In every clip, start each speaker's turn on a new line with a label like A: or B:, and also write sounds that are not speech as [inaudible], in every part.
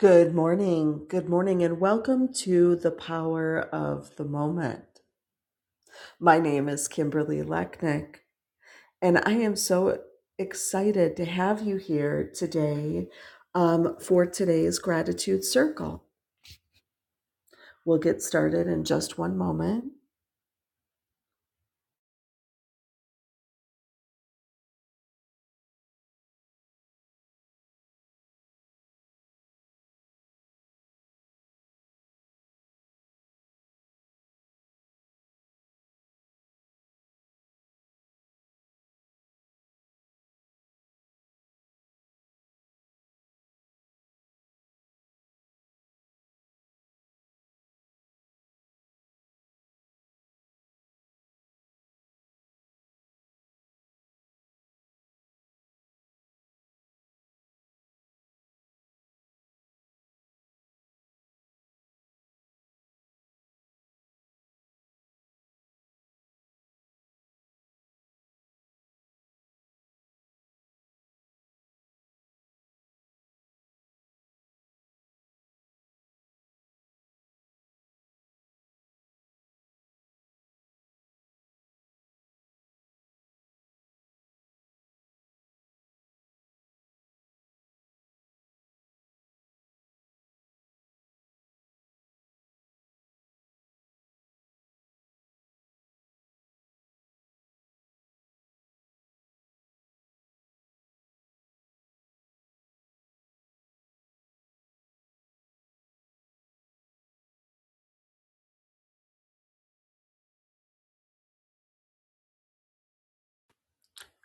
A: Good morning. Good morning, and welcome to the power of the moment. My name is Kimberly Lechnick, and I am so excited to have you here today um, for today's gratitude circle. We'll get started in just one moment.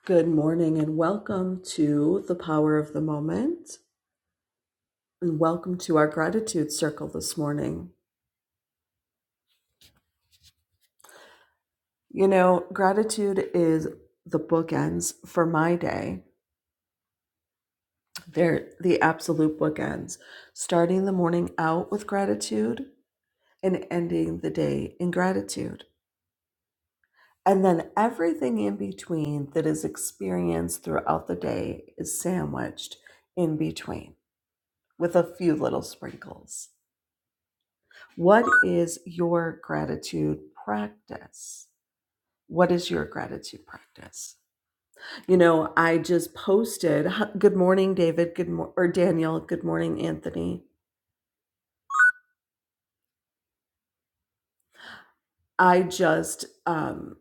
A: Good morning, and welcome to the power of the moment, and welcome to our gratitude circle this morning. You know, gratitude is the bookends for my day. They're the absolute bookends, starting the morning out with gratitude and ending the day in gratitude. And then everything in between that is experienced throughout the day is sandwiched in between with a few little sprinkles. What is your gratitude practice? What is your gratitude practice? You know, I just posted, good morning, David, good mo- or Daniel, good morning, Anthony I just um,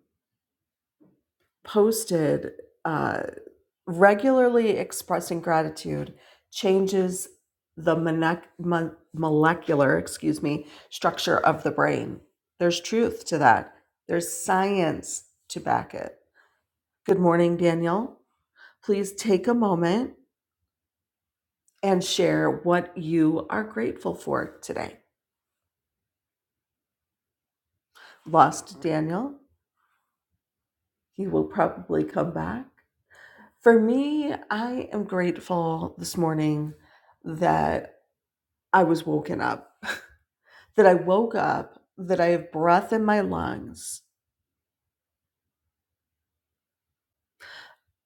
A: posted uh, regularly expressing gratitude changes the monec- mon- molecular, excuse me, structure of the brain. There's truth to that. There's science to back it. Good morning, Daniel. Please take a moment and share what you are grateful for today. Lost Daniel, he will probably come back. For me, I am grateful this morning that I was woken up, [laughs] that I woke up, that I have breath in my lungs,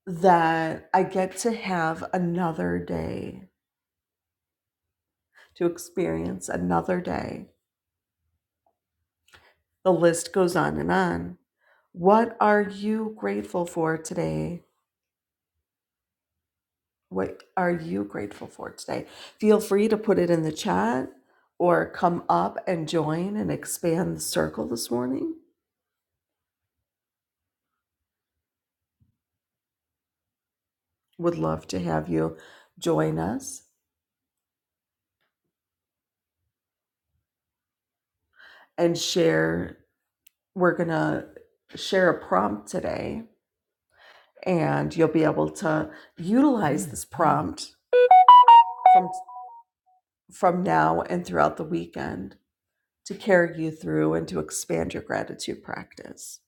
A: that I get to have another day, to experience another day. The list goes on and on. What are you grateful for today? What are you grateful for today? Feel free to put it in the chat or come up and join and expand the circle this morning would love to have you join us and share. We're going to share a prompt today, and you'll be able to utilize this prompt from, from now and throughout the weekend to carry you through and to expand your gratitude practice.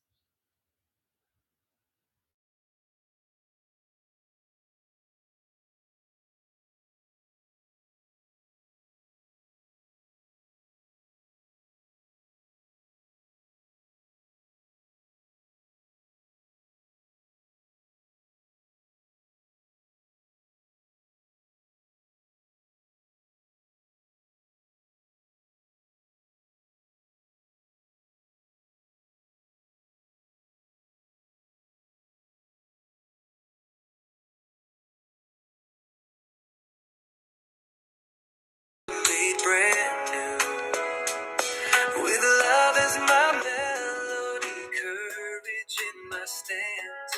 A: With love as my melody, courage in my stance,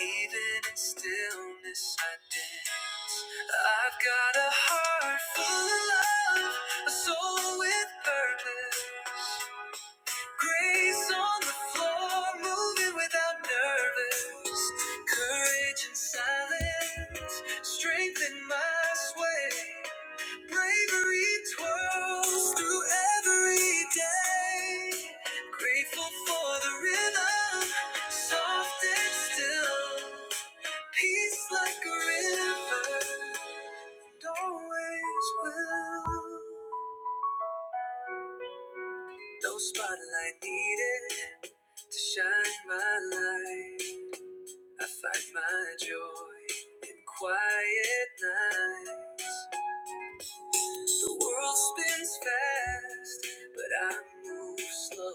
A: even in stillness I dance. I've got a heart full of love, a soul with purpose, grace on the floor, moving without nervous, courage in silence, strength in my sway. Bravery twirls through every day. Grateful for the rhythm, soft and still. Peace like a river, and always will. No spotlight needed to shine my light. I find my joy in quiet nights. The world spins fast, but I move slow.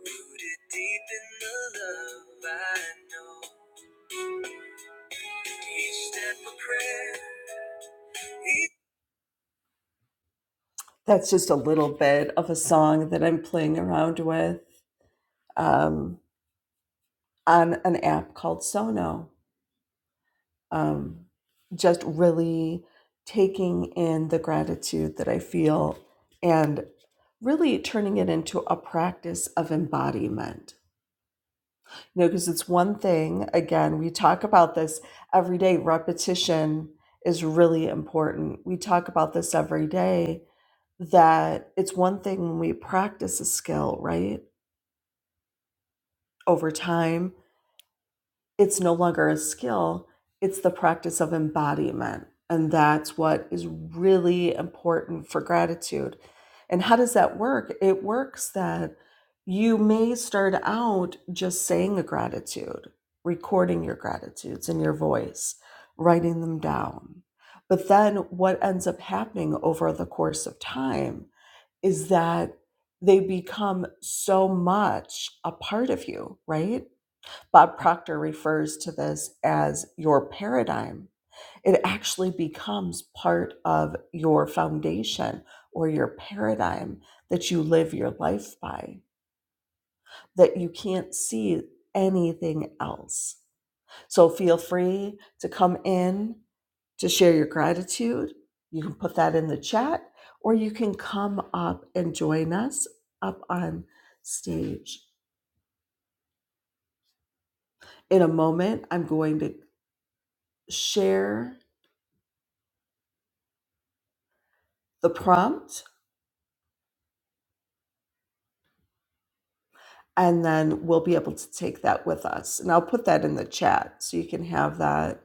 A: Rooted deep in the love I know. Each step a prayer. Each- That's just a little bit of a song that I'm playing around with um, on an app called Sono. um, just really taking in the gratitude that I feel and really turning it into a practice of embodiment. You know, because it's one thing, again, we talk about this every day. Repetition is really important. We talk about this every day that it's one thing when we practice a skill, right? Over time. it's no longer a skill, it's the practice of embodiment. And that's what is really important for gratitude. And how does that work? It works that you may start out just saying a gratitude, recording your gratitudes in your voice, writing them down. But then what ends up happening over the course of time is that they become so much a part of you, right? Bob Proctor refers to this as your paradigm. It actually becomes part of your foundation or your paradigm that you live your life by, that you can't see anything else. So feel free to come in to share your gratitude. You can put that in the chat, or you can come up and join us up on stage. In a moment, I'm going to share the prompt and then we'll be able to take that with us. And I'll put that in the chat so you can have that.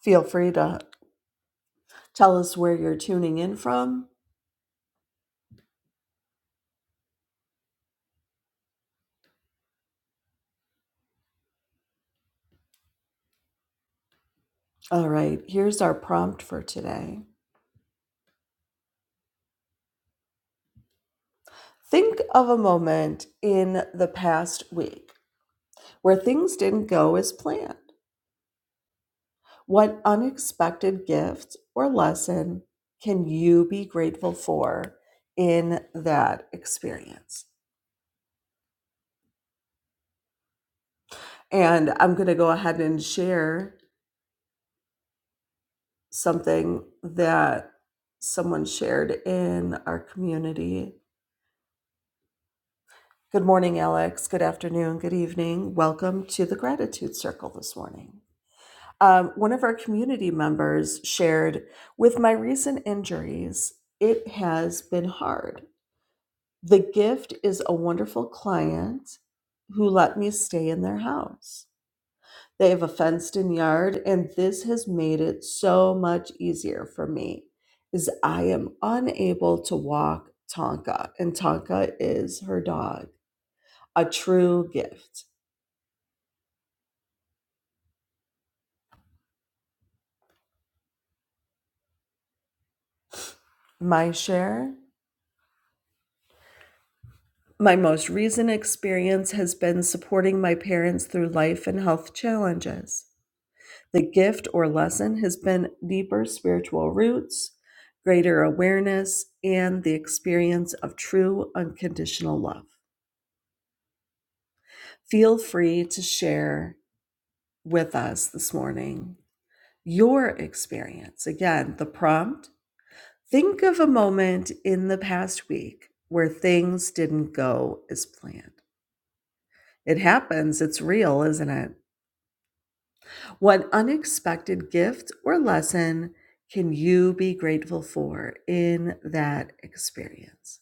A: Feel free to tell us where you're tuning in from. All right, here's our prompt for today. Think of a moment in the past week where things didn't go as planned. What unexpected gift or lesson can you be grateful for in that experience? And I'm going to go ahead and share. something that someone shared in our community. Good morning, Alex. Good afternoon. Good evening. Welcome to the Gratitude Circle this morning. Um, one of our community members shared with my recent injuries, it has been hard. The gift is a wonderful client who let me stay in their house. They have a fenced in yard, and this has made it so much easier for me as I am unable to walk Tonka, and Tonka is her dog. A true gift. My share? My most recent experience has been supporting my parents through life and health challenges. The gift or lesson has been deeper spiritual roots, greater awareness, and the experience of true unconditional love. Feel free to share with us this morning your experience. Again, the prompt think of a moment in the past week where things didn't go as planned. It happens, it's real, isn't it? What unexpected gift or lesson can you be grateful for in that experience?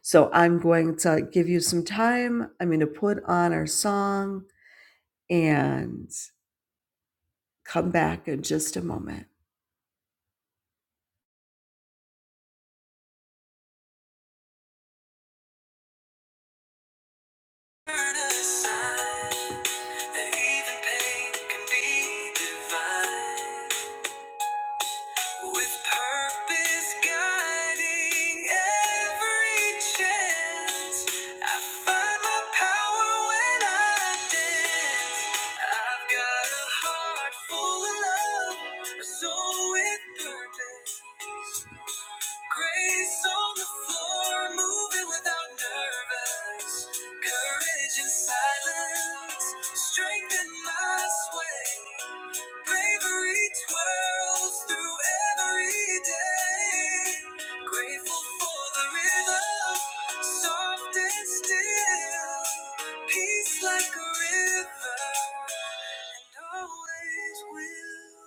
A: So I'm going to give you some time. I'm going to put on our song and come back in just a moment. Turn even pain can be divine. With purpose guiding every chance, I find my power when I dance. I've got a heart full of love, a soul with purpose. Grace on the floor, moving without nervous. Courage in silence, strength in my sway. Bravery twirls through every day. Grateful for the rhythm, soft and still. Peace like a river, and always will.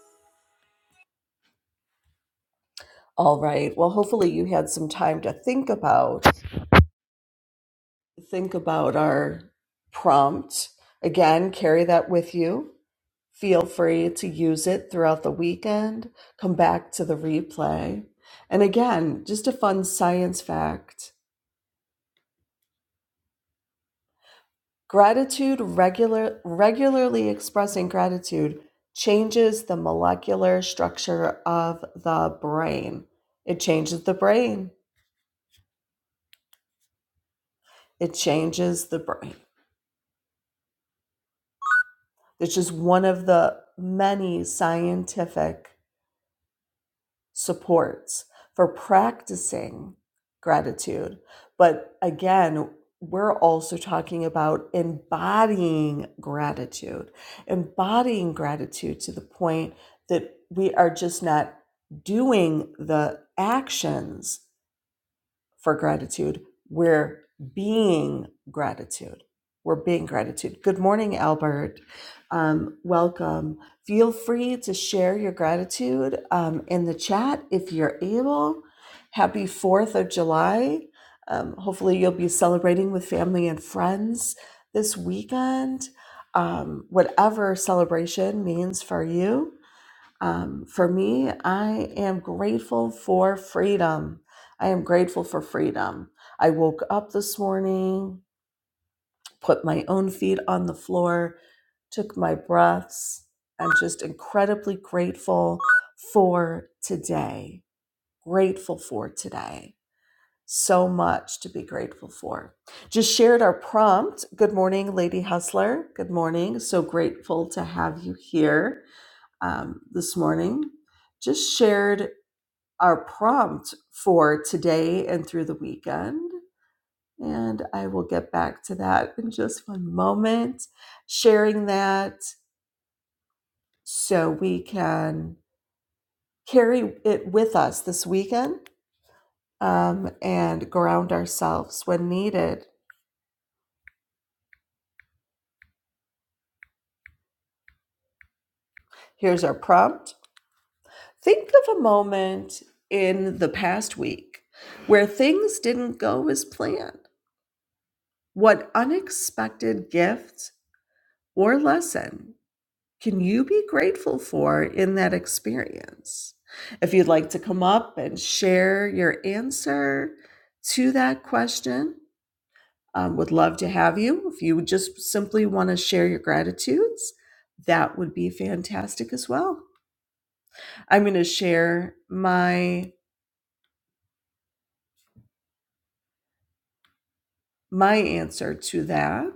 A: All right. Well, hopefully you had some time to think about think about our prompt. Again, carry that with you. Feel free to use it throughout the weekend. Come back to the replay. And again, just a fun science fact. Gratitude regular regularly expressing gratitude changes the molecular structure of the brain. It changes the brain. It changes the brain. It's just one of the many scientific supports for practicing gratitude. But again, we're also talking about embodying gratitude, embodying gratitude to the point that we are just not doing the actions for gratitude. We're being gratitude. We're being gratitude. Good morning, Albert. Um, welcome. Feel free to share your gratitude um, in the chat if you're able. Happy 4th of July. Um, hopefully, you'll be celebrating with family and friends this weekend. Um, whatever celebration means for you um, for me, I am grateful for freedom. I am grateful for freedom. I woke up this morning, put my own feet on the floor, took my breaths. I'm just incredibly grateful for today. Grateful for today. So much to be grateful for. Just shared our prompt. Good morning, Lady Hustler. Good morning. So grateful to have you here um, this morning just shared our prompt for today and through the weekend. And I will get back to that in just one moment, sharing that so we can carry it with us this weekend um, and ground ourselves when needed. Here's our prompt Think of a moment in the past week where things didn't go as planned. What unexpected gift or lesson can you be grateful for in that experience? If you'd like to come up and share your answer to that question, um, would love to have you. If you just simply want to share your gratitudes, that would be fantastic as well. I'm going to share my my answer to that.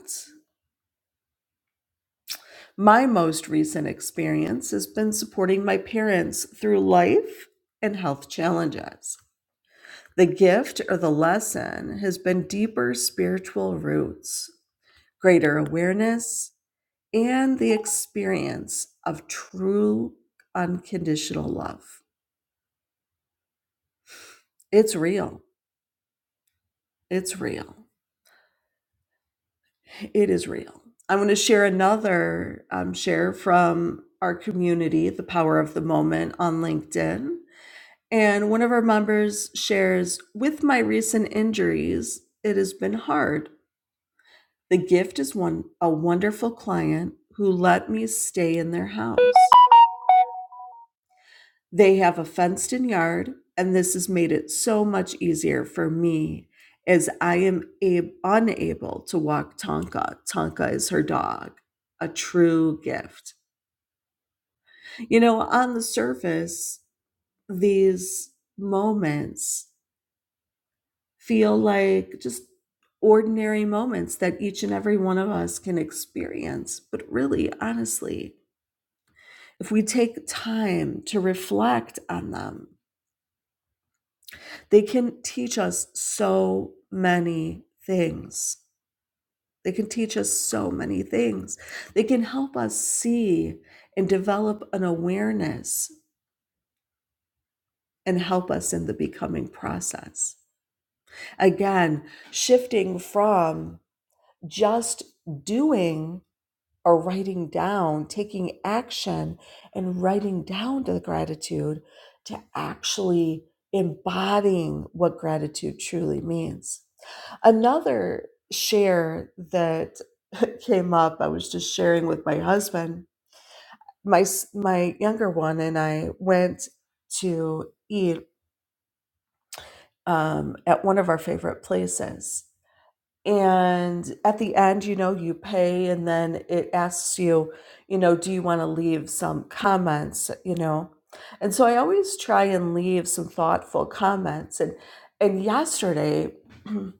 A: My most recent experience has been supporting my parents through life and health challenges. The gift or the lesson has been deeper spiritual roots, greater awareness, and the experience of true unconditional love. It's real. It's real. It is real. I'm going to share another um, share from our community, The Power of the Moment, on LinkedIn. And one of our members shares With my recent injuries, it has been hard The gift is one a wonderful client who let me stay in their house. They have a fenced-in yard, and this has made it so much easier for me as I am ab- unable to walk Tonka. Tonka is her dog. A true gift. You know, on the surface, these moments feel like just ordinary moments that each and every one of us can experience. But really, honestly, if we take time to reflect on them, they can teach us so many things. They can teach us so many things. They can help us see and develop an awareness and help us in the becoming process. Again, shifting from just doing or writing down, taking action and writing down the gratitude to actually embodying what gratitude truly means. Another share that [laughs] came up, I was just sharing with my husband. My my younger one and I went to eat um, at one of our favorite places, and at the end you know you pay and then it asks you you know do you want to leave some comments you know and so i always try and leave some thoughtful comments and and yesterday [clears throat]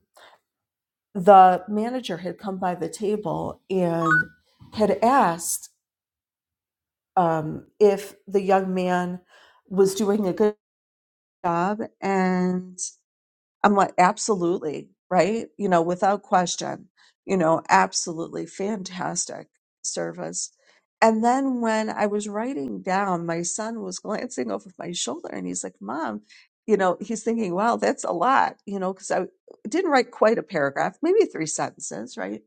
A: the manager had come by the table and had asked um, if the young man was doing a good job and. I'm like, absolutely, right? You know, without question, you know, absolutely fantastic service. And then when I was writing down, my son was [laughs] glancing over my shoulder and he's like, Mom, you know, he's thinking, wow, that's a lot, you know, because I didn't write quite a paragraph, maybe three sentences, right?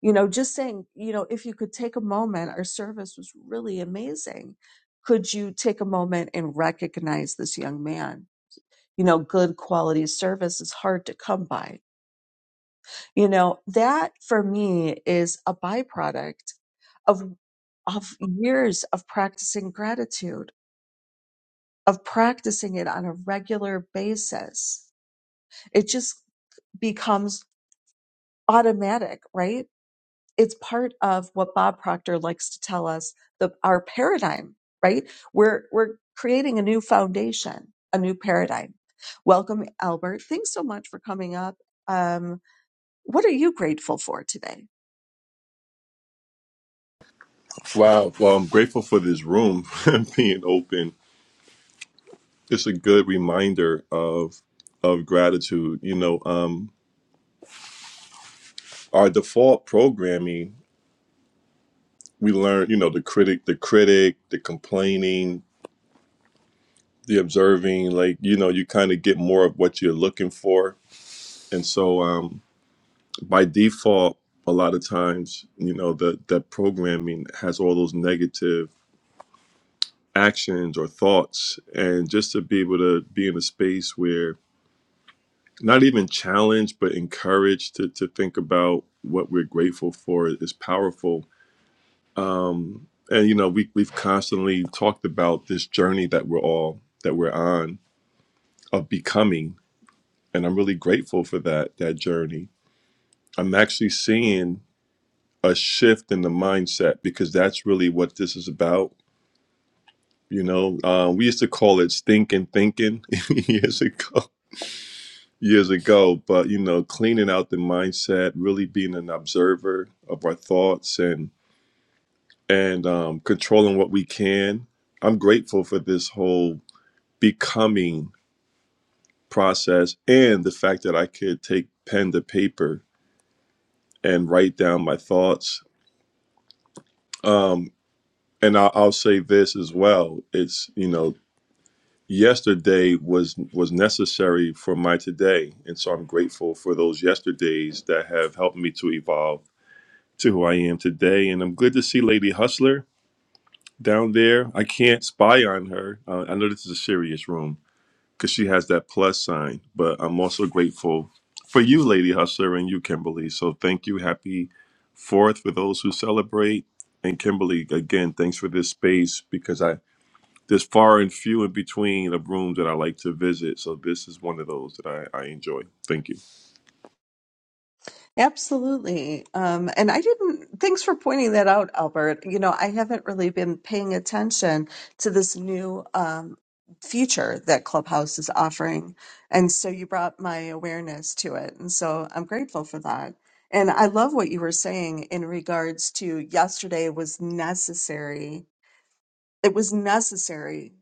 A: You know, just saying, you know, if you could take a moment, our service was really amazing. Could you take a moment and recognize this young man? you know, good quality service is hard to come by. You know, that for me is a byproduct of of years of practicing gratitude, of practicing it on a regular basis. It just becomes automatic, right? It's part of what Bob Proctor likes to tell us, the our paradigm, right? We're we're creating a new foundation, a new paradigm. Welcome, Albert. Thanks so much for coming up. Um, What are you grateful for today?
B: Wow. Well, I'm grateful for this room [laughs] being open. It's a good reminder of of gratitude. You know, um, our default programming, we learn, you know, the critic, the critic, the complaining, the observing, like, you know, you kind of get more of what you're looking for. And so um by default, a lot of times, you know, that that programming has all those negative actions or thoughts. And just to be able to be in a space where not even challenged but encouraged to, to think about what we're grateful for is powerful um, and you know we, we've constantly talked about this journey that we're all that we're on of becoming and i'm really grateful for that that journey i'm actually seeing a shift in the mindset because that's really what this is about you know uh, we used to call it stinking thinking [laughs] years ago years ago, but you know, cleaning out the mindset, really being an observer of our thoughts and and um, controlling what we can. I'm grateful for this whole becoming process and the fact that I could take pen to paper and write down my thoughts. Um, and I'll, I'll say this as well: it's you know, yesterday was was necessary for my today, and so I'm grateful for those yesterdays that have helped me to evolve to who I am today. And I'm good to see Lady Hustler down there. I can't spy on her. Uh, I know this is a serious room because she has that plus sign, but I'm also grateful for you, Lady Hustler, and you, Kimberly. So thank you. Happy Fourth for those who celebrate. And Kimberly, again, thanks for this space because I there's far and few in between of rooms that I like to visit. So this is one of those that I, I enjoy. Thank you.
A: Absolutely. Um, and I didn't, thanks for pointing that out, Albert. You know, I haven't really been paying attention to this new um, feature that Clubhouse is offering. And so you brought my awareness to it. And so I'm grateful for that. And I love what you were saying in regards to yesterday was necessary. It was necessary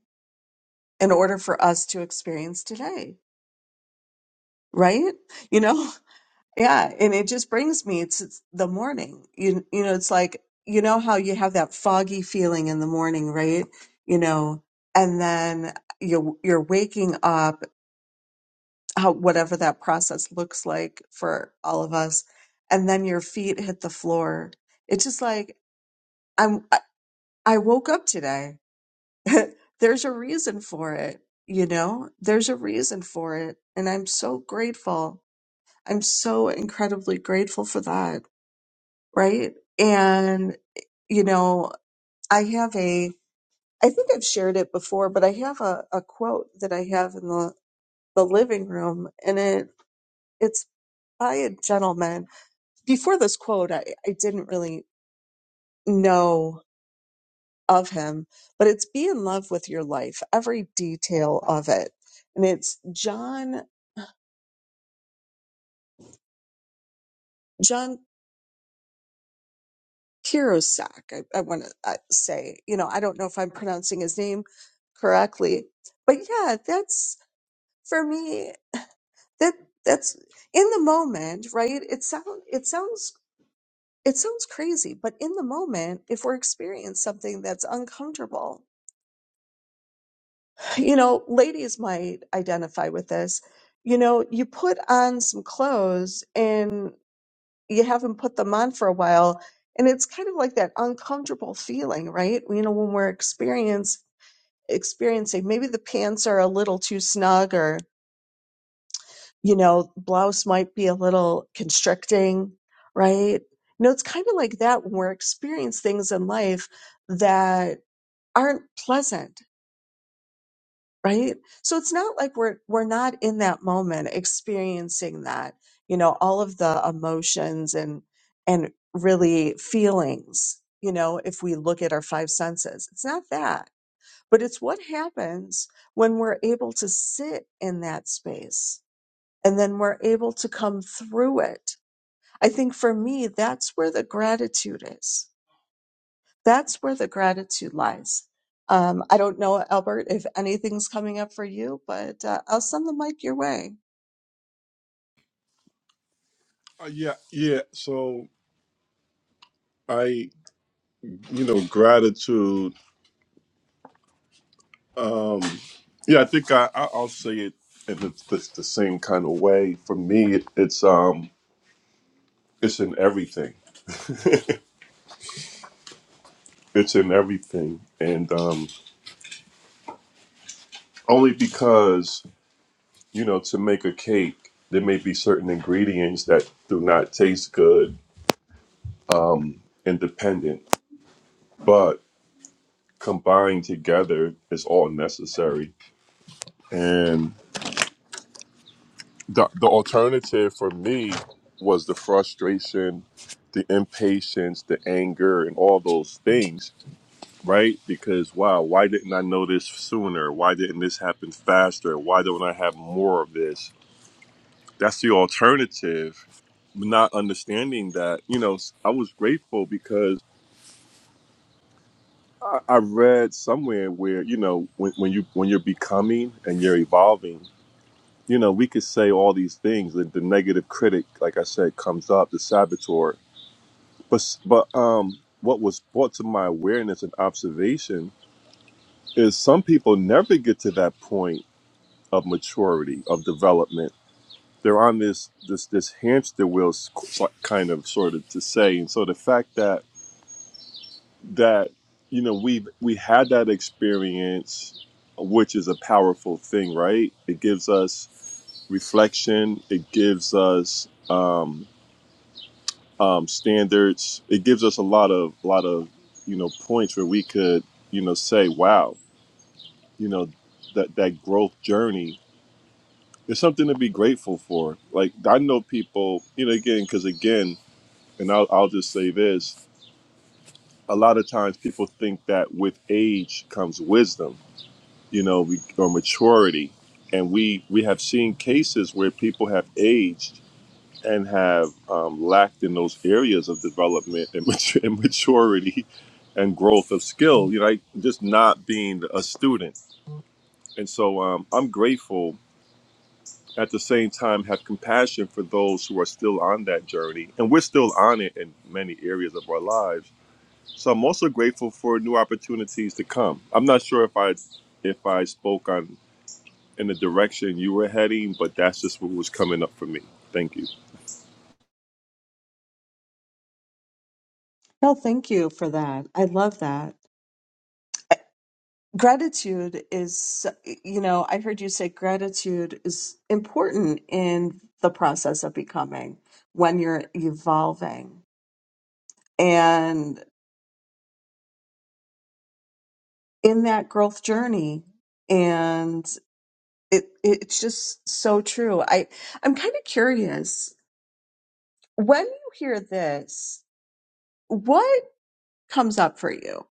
A: in order for us to experience today, right? You know, [laughs] Yeah, and it just brings me. It's, it's the morning. You you know, it's like you know how you have that foggy feeling in the morning, right? You know, and then you you're waking up, how whatever that process looks like for all of us, and then your feet hit the floor. It's just like I'm. I, I woke up today. [laughs] There's a reason for it. You know, there's a reason for it, and I'm so grateful. I'm so incredibly grateful for that. right? And, you know, I have a, I think I've shared it before, but I have a, a quote that I have in the, the living room and it, it's by a gentleman. Before this quote, I, I didn't really know of him, but it's be in love with your life, every detail of it. And it's John, John Kirosak, I, I want to say, you know, I don't know if I'm pronouncing his name correctly, but yeah, that's, for me that that's in the moment right it sound it sounds it sounds crazy but in the moment if we're experiencing something that's uncomfortable you know ladies might identify with this you know you put on some clothes and you haven't put them on for a while and it's kind of like that uncomfortable feeling right you know when we're experience experiencing maybe the pants are a little too snug you know, blouse might be a little constricting, right? You know, it's kind of like that when we're experiencing things in life that aren't pleasant, right? So it's not like we're we're not in that moment experiencing that, you know, all of the emotions and and really feelings, you know, if we look at our five senses. It's not that, but it's what happens when we're able to sit in that space and then we're able to come through it. I think for me, that's where the gratitude is. That's where the gratitude lies. Um, I don't know, Albert, if anything's coming up for you, but uh, I'll send the mic your way.
B: Uh, yeah, yeah. So I, you know, gratitude. Um, yeah, I think I, I I'll say it in the, the, the same kind of way. For me, it, it's um it's in everything. [laughs] it's in everything, and um, only because you know to make a cake, there may be certain ingredients that do not taste good um, independent, but combined together is all necessary. and. the the alternative for me was the frustration, the impatience, the anger, and all those things, right? Because wow, why didn't I know this sooner? Why didn't this happen faster? Why don't I have more of this? That's the alternative. Not understanding that, you know, I was grateful because I, I read somewhere where you know when, when you when you're becoming and you're evolving you know, we could say all these things. The, the negative critic, like I said, comes up, the saboteur. But but um, what was brought to my awareness and observation is some people never get to that point of maturity of development. They're on this this this hamster wheel, s- so- kind of sort of to say. And so the fact that that you know we we had that experience, which is a powerful thing, right? It gives us reflection. It gives us. Um, um, standards. It gives us a lot of a lot of you know points where we could you know say, wow, you know that that growth journey is something to be grateful for. Like I know people, you know, again because again, and I'll, I'll just say this: a lot of times people think that with age comes wisdom, you know, we, or maturity, and we we have seen cases where people have aged and have um, lacked in those areas of development and, [laughs] matur- and maturity and growth of skill, you know, like just not being a student. And so um, I'm grateful at the same time have compassion for those who are still on that journey and we're still on it in many areas of our lives so i'm also grateful for new opportunities to come i'm not sure if i if i spoke on in the direction you were heading but that's just what was coming up for me thank you
A: No, thank you for that. I love that. Gratitude is, you know, I heard you say gratitude is important in the process of becoming when you're evolving and in that growth journey. and. it it's just so true. I I'm kind of curious when you hear this, what comes up for you?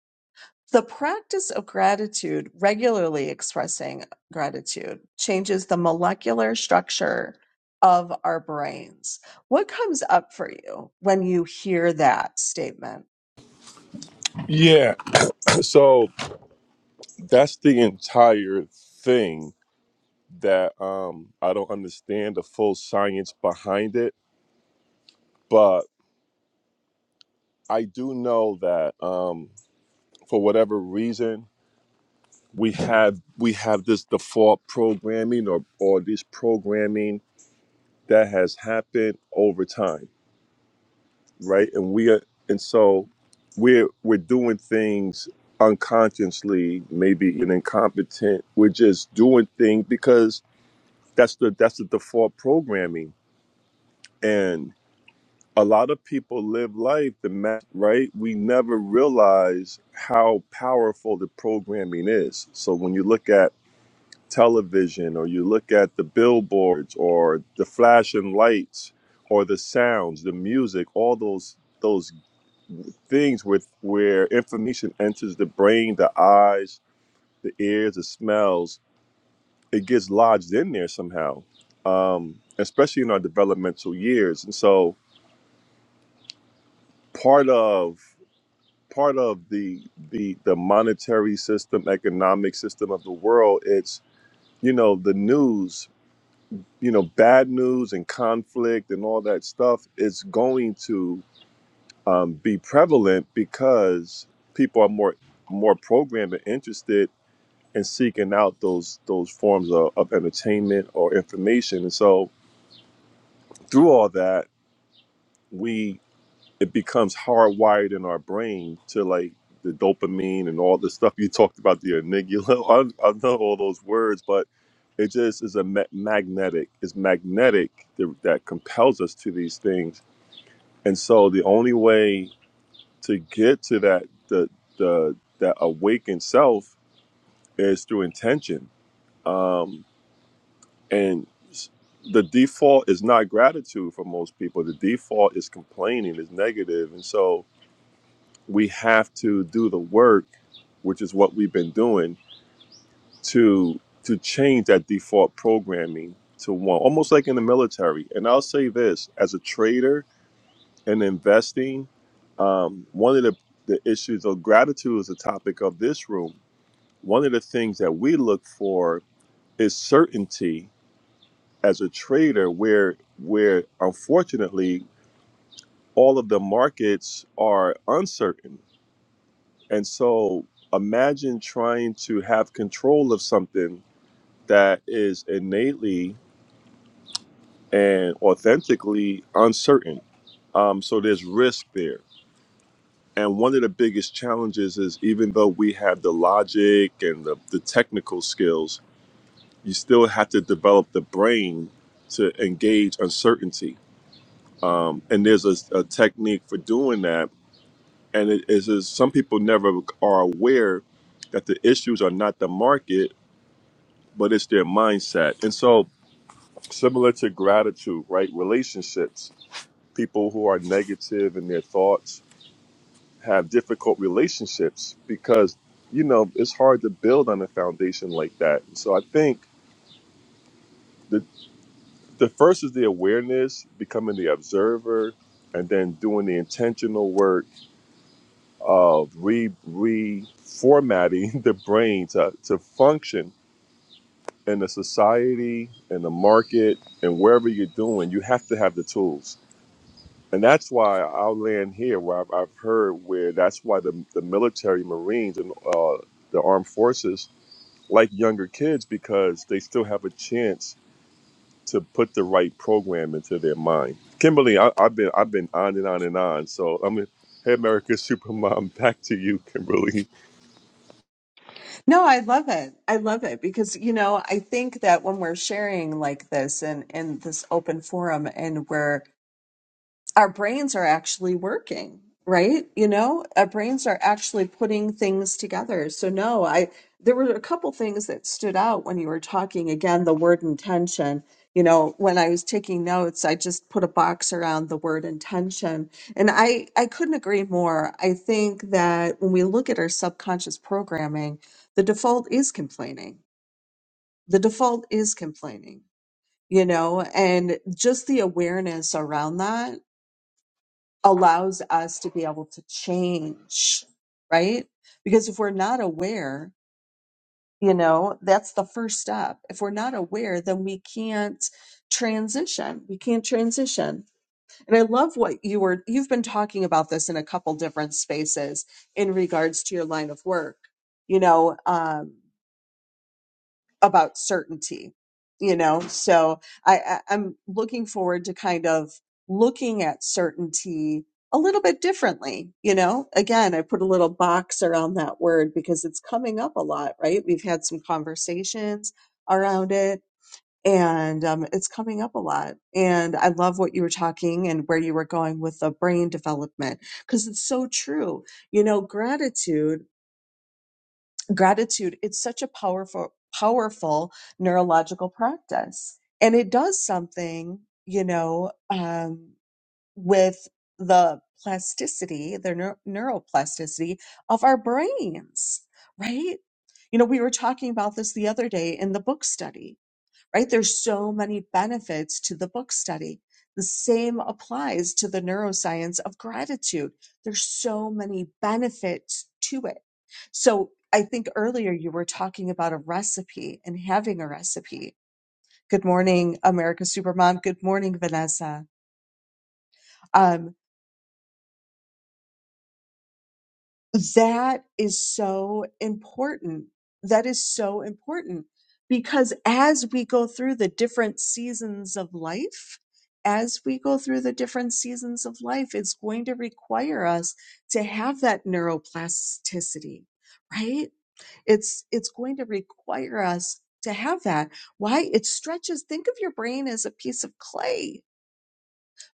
A: The practice of gratitude, regularly expressing gratitude, changes the molecular structure of our brains. What comes up for you when you hear that statement?
B: Yeah. [clears throat] So that's the entire thing that um I don't understand the full science behind it, but I do know that um for whatever reason we have we have this default programming or or this programming that has happened over time, right? And we are and so we're we're doing things unconsciously, maybe even incompetent. We're just doing things because that's the that's the default programming And a lot of people live life the ma- right. We never realize how powerful the programming is. So when you look at television, or you look at the billboards, or the flashing lights, or the sounds, the music, all those those things with where information enters the brain, the eyes, the ears, the smells, it gets lodged in there somehow, um, especially in our developmental years. And so part of part of the the the monetary system, economic system of the world. It's you know the news, you know, bad news and conflict and all that stuff is going to um, be prevalent because people are more more programmed and interested in seeking out those those forms of, of entertainment or information. And so through all that, we. it becomes hardwired in our brain to like the dopamine and all the stuff you talked about the enigula, [laughs] I, I know all those words, but it just is a ma- magnetic. It's magnetic that, that compels us to these things. And so the only way to get to that the the that awakened self is through intention. Um, and s- the default is not gratitude for most people. The default is complaining, is negative, and so we have to do the work, which is what we've been doing, to to change that default programming to one, almost like in the military. And I'll say this: as a trader and investing, um, one of the the issues of gratitude is the topic of this room. One of the things that we look for is certainty as a trader, where where unfortunately all of the markets are uncertain And so imagine trying to have control of something that is innately and authentically uncertain. Um, so there's risk there. And one of the biggest challenges is even though we have the logic and the, the technical skills, you still have to develop the brain to engage uncertainty. Um, and there's a, a technique for doing that. And it is is some people never are aware that the issues are not the market but it's their mindset. And so, similar to gratitude, right? Relationships, people who are negative in their thoughts have difficult relationships because, you know, it's hard to build on a foundation like that. So, I think the, the first is the awareness, becoming the observer, and then doing the intentional work of re reformatting [laughs] the brain to, to function in the society, in the market, and wherever you're doing, you have to have the tools. And that's why I'll land here where I've, I've heard where that's why the, the military, Marines, and uh, the armed forces like younger kids because they still have a chance to put the right program into their mind. Kimberly, I, I've been I've been on and on and on. So I'm mean, hey, America [laughs] Supermom, back to you, Kimberly.
A: No, I love it. I love it because, you know, I think that when we're sharing like this and in this open forum and we're our brains are actually working right you know our brains are actually putting things together so no i there were a couple things that stood out when you were talking again the word intention you know when i was taking notes i just put a box around the word intention and i i couldn't agree more i think that when we look at our subconscious programming the default is complaining the default is complaining you know and just the awareness around that allows us to be able to change, right? Because if we're not aware, you know, that's the first step. If we're not aware, then we can't transition. We can't transition. And I love what you were, you've been talking about this in a couple different spaces in regards to your line of work. You know, um, about certainty you know so I, I i'm looking forward to kind of looking at certainty a little bit differently you know again i put a little box around that word because it's coming up a lot right we've had some conversations around it and um, it's coming up a lot and i love what you were talking and where you were going with the brain development because it's so true you know gratitude gratitude it's such a powerful powerful neurological practice and it does something you know um, with the plasticity the neu- neuroplasticity of our brains right you know we were talking about this the other day in the book study right? There's so many benefits to the book study. The same applies to the neuroscience of gratitude. There's so many benefits to it. So I think earlier you were talking about a recipe and having a recipe. Good morning, America Supermom. Good morning, Vanessa. Um, That is so important. That is so important because as we go through the different seasons of life, as we go through the different seasons of life, it's going to require us to have that neuroplasticity, right? It's, it's going to require us to have that. Why? It stretches. Think of your brain as a piece of clay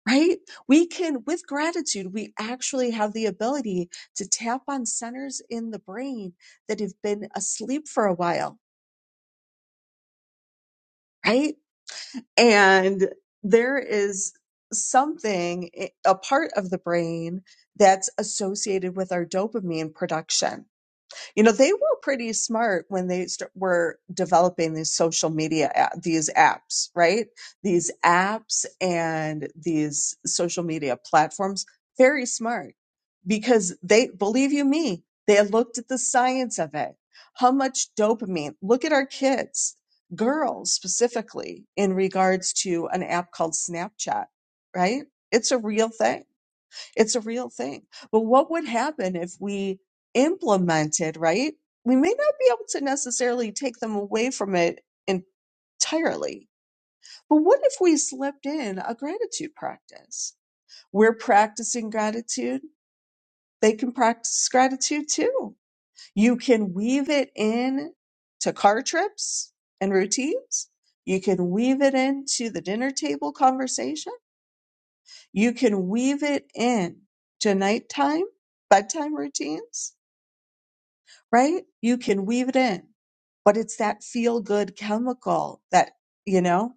A: right? We can, with gratitude, we actually have the ability to tap on centers in the brain that have been asleep for a while, right? And there is something, eh, a part of the brain that's associated with our dopamine production You know, they were pretty smart when they st- were developing these social media, app, these apps, right? These apps and these social media platforms, very smart because they, believe you me, they looked at the science of it. How much dopamine? Look at our kids, girls specifically, in regards to an app called Snapchat, right? It's a real thing it's a real thing. But what would happen if we implemented, right? We may not be able to necessarily take them away from it entirely. But what if we slipped in a gratitude practice? We're practicing gratitude. They can practice gratitude too. You can weave it in to car trips and routines. You can weave it into the dinner table conversation You can weave it in to nighttime, bedtime routines, right? You can weave it in, but it's that feel good chemical that, you know,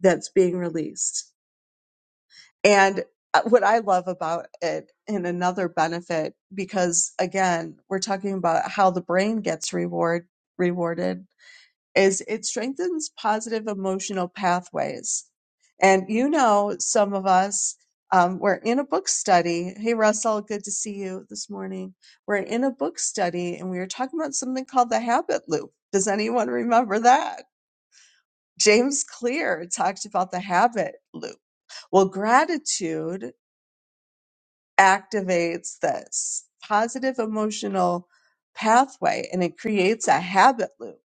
A: that's being released. And uh, what I love about it and another benefit, because again, we're talking about how the brain gets reward, rewarded is it strengthens positive emotional pathways. And you know, some of us, um, we're in a book study. Hey, Russell, good to see you this morning. We're in a book study and we were talking about something called the habit loop. Does anyone remember that? James Clear talked about the habit loop. Well, gratitude activates this positive emotional pathway and it creates a habit loop.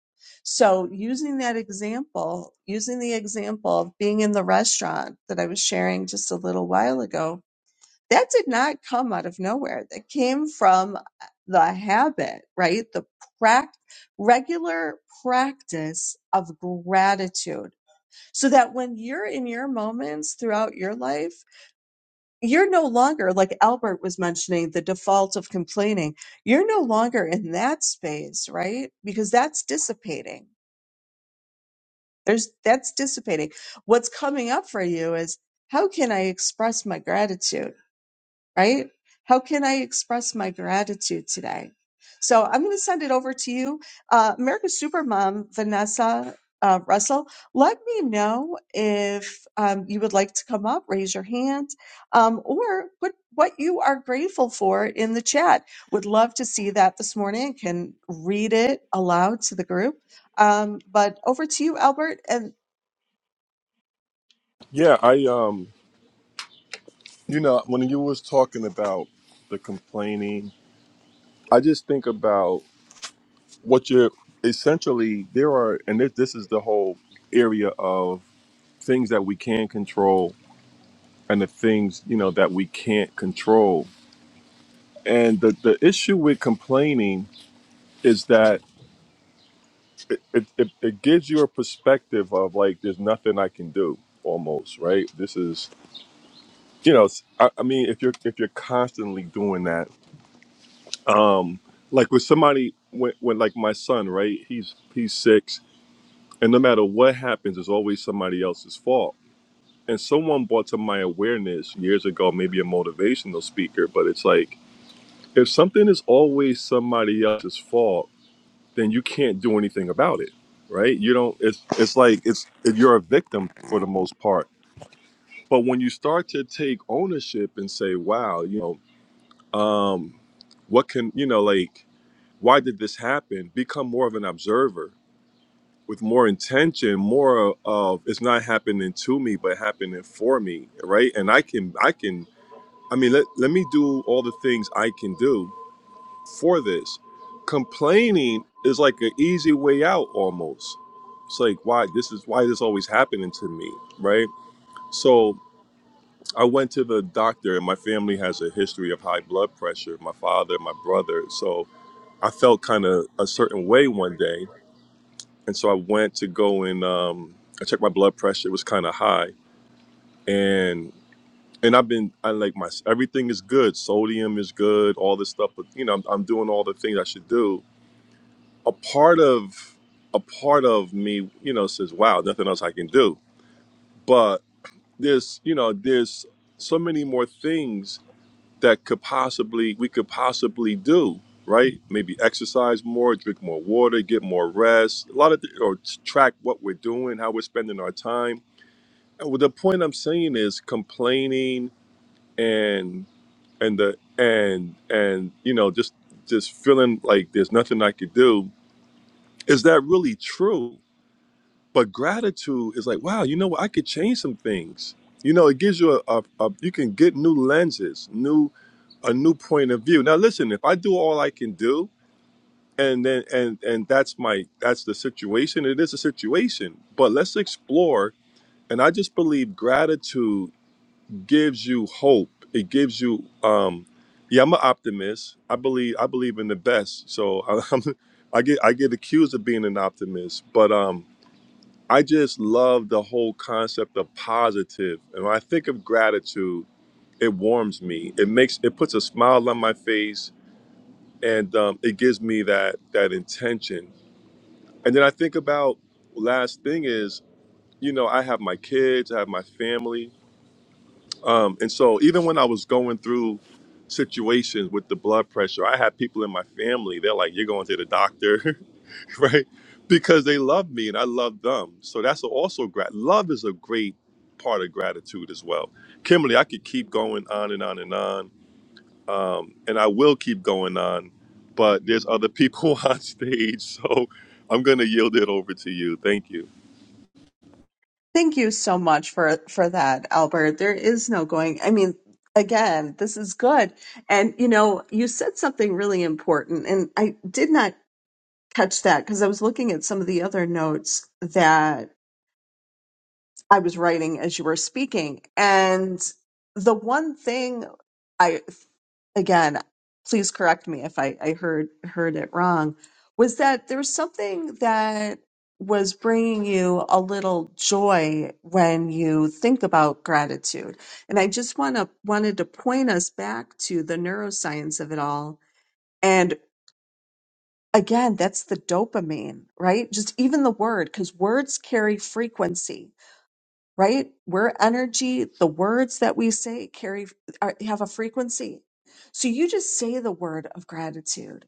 A: So, using that example, using the example of being in the restaurant that I was sharing just a little while ago, that did not come out of nowhere. That came from uh, the habit, right? The prac- regular practice of gratitude. So that when you're in your moments throughout your life, you're no longer like albert was mentioning the default of complaining you're no longer in that space right because that's dissipating there's that's dissipating what's coming up for you is how can i express my gratitude right? How can I express my gratitude today? So I'm going to send it over to you, uh, America's Supermom Vanessa uh, Russell. Let me know if um, you would like to come up, raise your hand, um, or put what you are grateful for in the chat. Would love to see that this morning. Can read it aloud to the group. Um, but over to you, Albert, and
B: Yeah, I um, you know, when you was talking about the complaining, I just think about what you're essentially there are, and this, this is the whole area of things that we can control and the things you know that we can't control and the, the issue with complaining is that it, it, it, it gives you a perspective of like there's nothing i can do almost right this is you know s- i, I mean if you're if you're constantly doing that um like with somebody when, when like my son right he's he's six and no matter what happens it's always somebody else's fault and someone brought to my awareness years ago maybe a motivational speaker but it's like if something is always somebody else's fault, then you can't do anything about it, right? You don't. It's it's like it's you're a victim for the most part. But when you start to take ownership and say, "Wow, you know, um, what can you know, like, why did this happen?" Become more of an observer with more intention, more of it's not happening to me, but happening for me, right? And I can I can. I mean, let, let me do all the things I can do for this. Complaining is like an easy way out almost. It's like why this is why this always happening to me, right? So I went to the doctor and my family has a history of high blood pressure, my father, my brother. So I felt kind of a certain way one day. And so I went to go and um I checked my blood pressure, it was kind of high. And and I've been I like my everything is good. Sodium is good, all this stuff, but you know, I'm, I'm doing all the things I should do a part of a part of me, you know, says, "Wow, nothing else I can do." But there's, you know, there's so many more things that could possibly we could possibly do, right? Maybe exercise more, drink more water, get more rest. A lot of, th- or t- track what we're doing, how we're spending our time. And what the point I'm saying is complaining and and the and and you know just just feeling like there's nothing I could do. Is that really true? But gratitude is like, wow, you know what? I could change some things. You know, it gives you a, a, a you can get new lenses, new a new point of view. Now, listen, if I do all I can do, and then and and that's my that's the situation. It is a situation, but let's explore. And I just believe gratitude gives you hope. It gives you, um, yeah, I'm an optimist. I believe I believe in the best. So I, [laughs] I'm, I get I get accused of being an optimist, but um, I just love the whole concept of positive. And when I think of gratitude, it warms me. It makes it puts a smile on my face, and um, it gives me that that intention. And then I think about last thing is, you know, I have my kids, I have my family, um, and so even when I was going through situations with the blood pressure, I had people in my family. They're like, "You're going to the doctor." [laughs] [laughs] right? Because they love me and I love them. So that's also grat. Love is a great part of gratitude as well. Kimberly, I could keep going on and on and on, and I will keep going on, but there's other people [laughs] on stage, so I'm gonna yield it over to you. Thank you.
A: Thank you so much for for that, Albert. There is no going. I mean, again, this is good. And you know, you said something really important and I did not catch that because I was looking at some of the other notes that. I was writing as you were speaking. And the one thing I, again, please correct me if I, I heard heard it wrong, was that there was something that was bringing you a little joy when you think about gratitude. And I just want to wanted to point us back to the neuroscience of it all. And again, that's the dopamine, right? Just even the word, because words carry frequency right? We're energy. The words that we say carry are, have a frequency. So you just say the word of gratitude,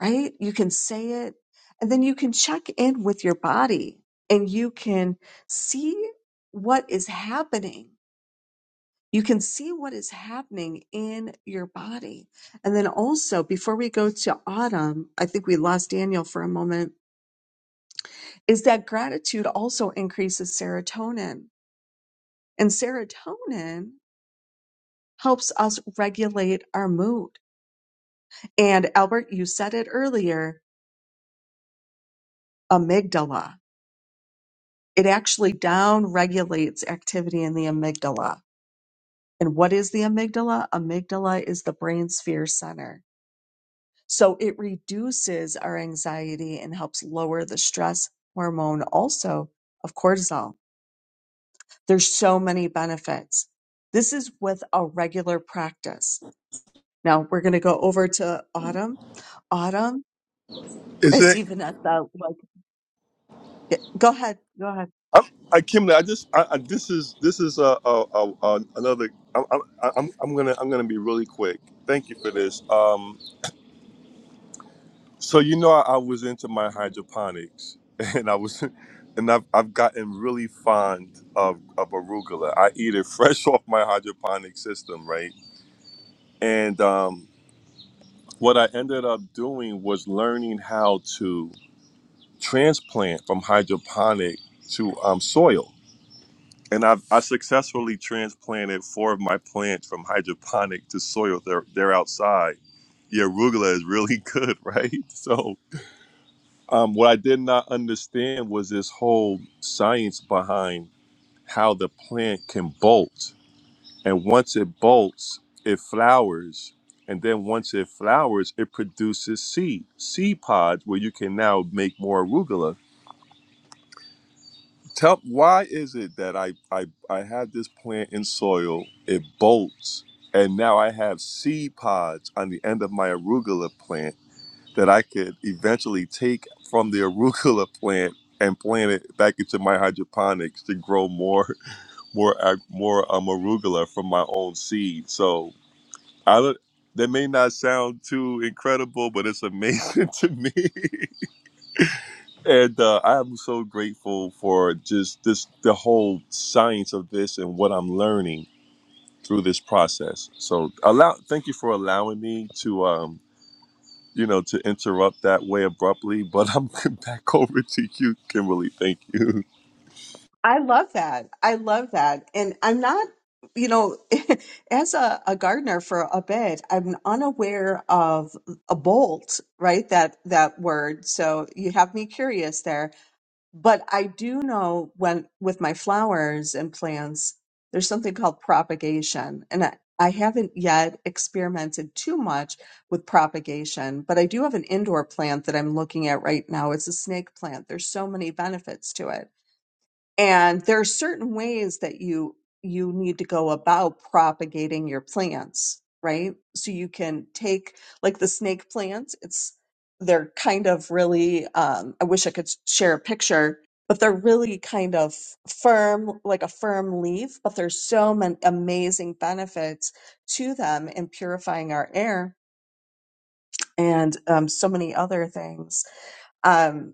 A: right? You can say it and then you can check in with your body and you can see what is happening. You can see what is happening in your body. And then also, before we go to autumn, I think we lost Daniel for a moment, is that gratitude also increases serotonin. And serotonin helps us regulate our mood. And Albert, you said it earlier, amygdala. It actually down regulates activity in the amygdala. And what is the amygdala? Amygdala is the brain sphere center. So it reduces our anxiety and helps lower the stress hormone also of cortisol. There's so many benefits. This is with a regular practice. Now we're going to go over to Autumn. Autumn,
B: Is
A: I
B: it?
A: see Vanessa. Yeah, Go ahead. Go ahead.
B: I'm, I, Kimberly, I just I, I, this is this is a, a, a, a another. I'm, I'm I'm I'm gonna I'm gonna be really quick. Thank you for this. Um, So you know, I, I was into my hydroponics, [laughs] and I was, and I've I've gotten really fond of of arugula. I eat it fresh [laughs] off my hydroponic system, right? And um, what I ended up doing was learning how to transplant from hydroponic to um, soil, and I've I successfully transplanted four of my plants from hydroponic to soil. They're they're outside. The arugula is really [laughs] good, right? So Um, what I did not understand was this whole science behind how the plant can bolt. And once it bolts, it flowers. And then once it flowers, it produces seed, seed pods where you can now make more arugula. Tell why is it that I, I I have this plant in soil, it bolts, and now I have seed pods on the end of my arugula plant that I could eventually take from the arugula [laughs] plant and plant it back into my hydroponics to grow more, [laughs] more, ag- more um, arugula from my own seed. So I don't. That may not sound too incredible, but it's amazing [laughs] to me. and uh, I am so grateful for just this, the whole science of this and what I'm learning through this process. So allow, thank you for allowing me to. um, you know, to interrupt that way abruptly, but I'm [laughs] back over to you, Kimberly. Thank you.
A: I love that. I love that. And I'm not, you know, [laughs] as a, a gardener for a bit, I'm unaware of a bolt, right? That that word. So you have me curious there. But I do know when with my flowers and plants, there's something called propagation. And I, I haven't yet experimented too much with propagation, but I do have an indoor plant that I'm looking at right now. It's a snake plant. There's so many benefits to it and there are certain ways that you you need to go about propagating your plants right so you can take like the snake plants it's they're kind of really um, i wish i could s- share a picture but they're really kind of firm like a firm leaf but there's so many amazing benefits to them in purifying our air and um, so many other things Um,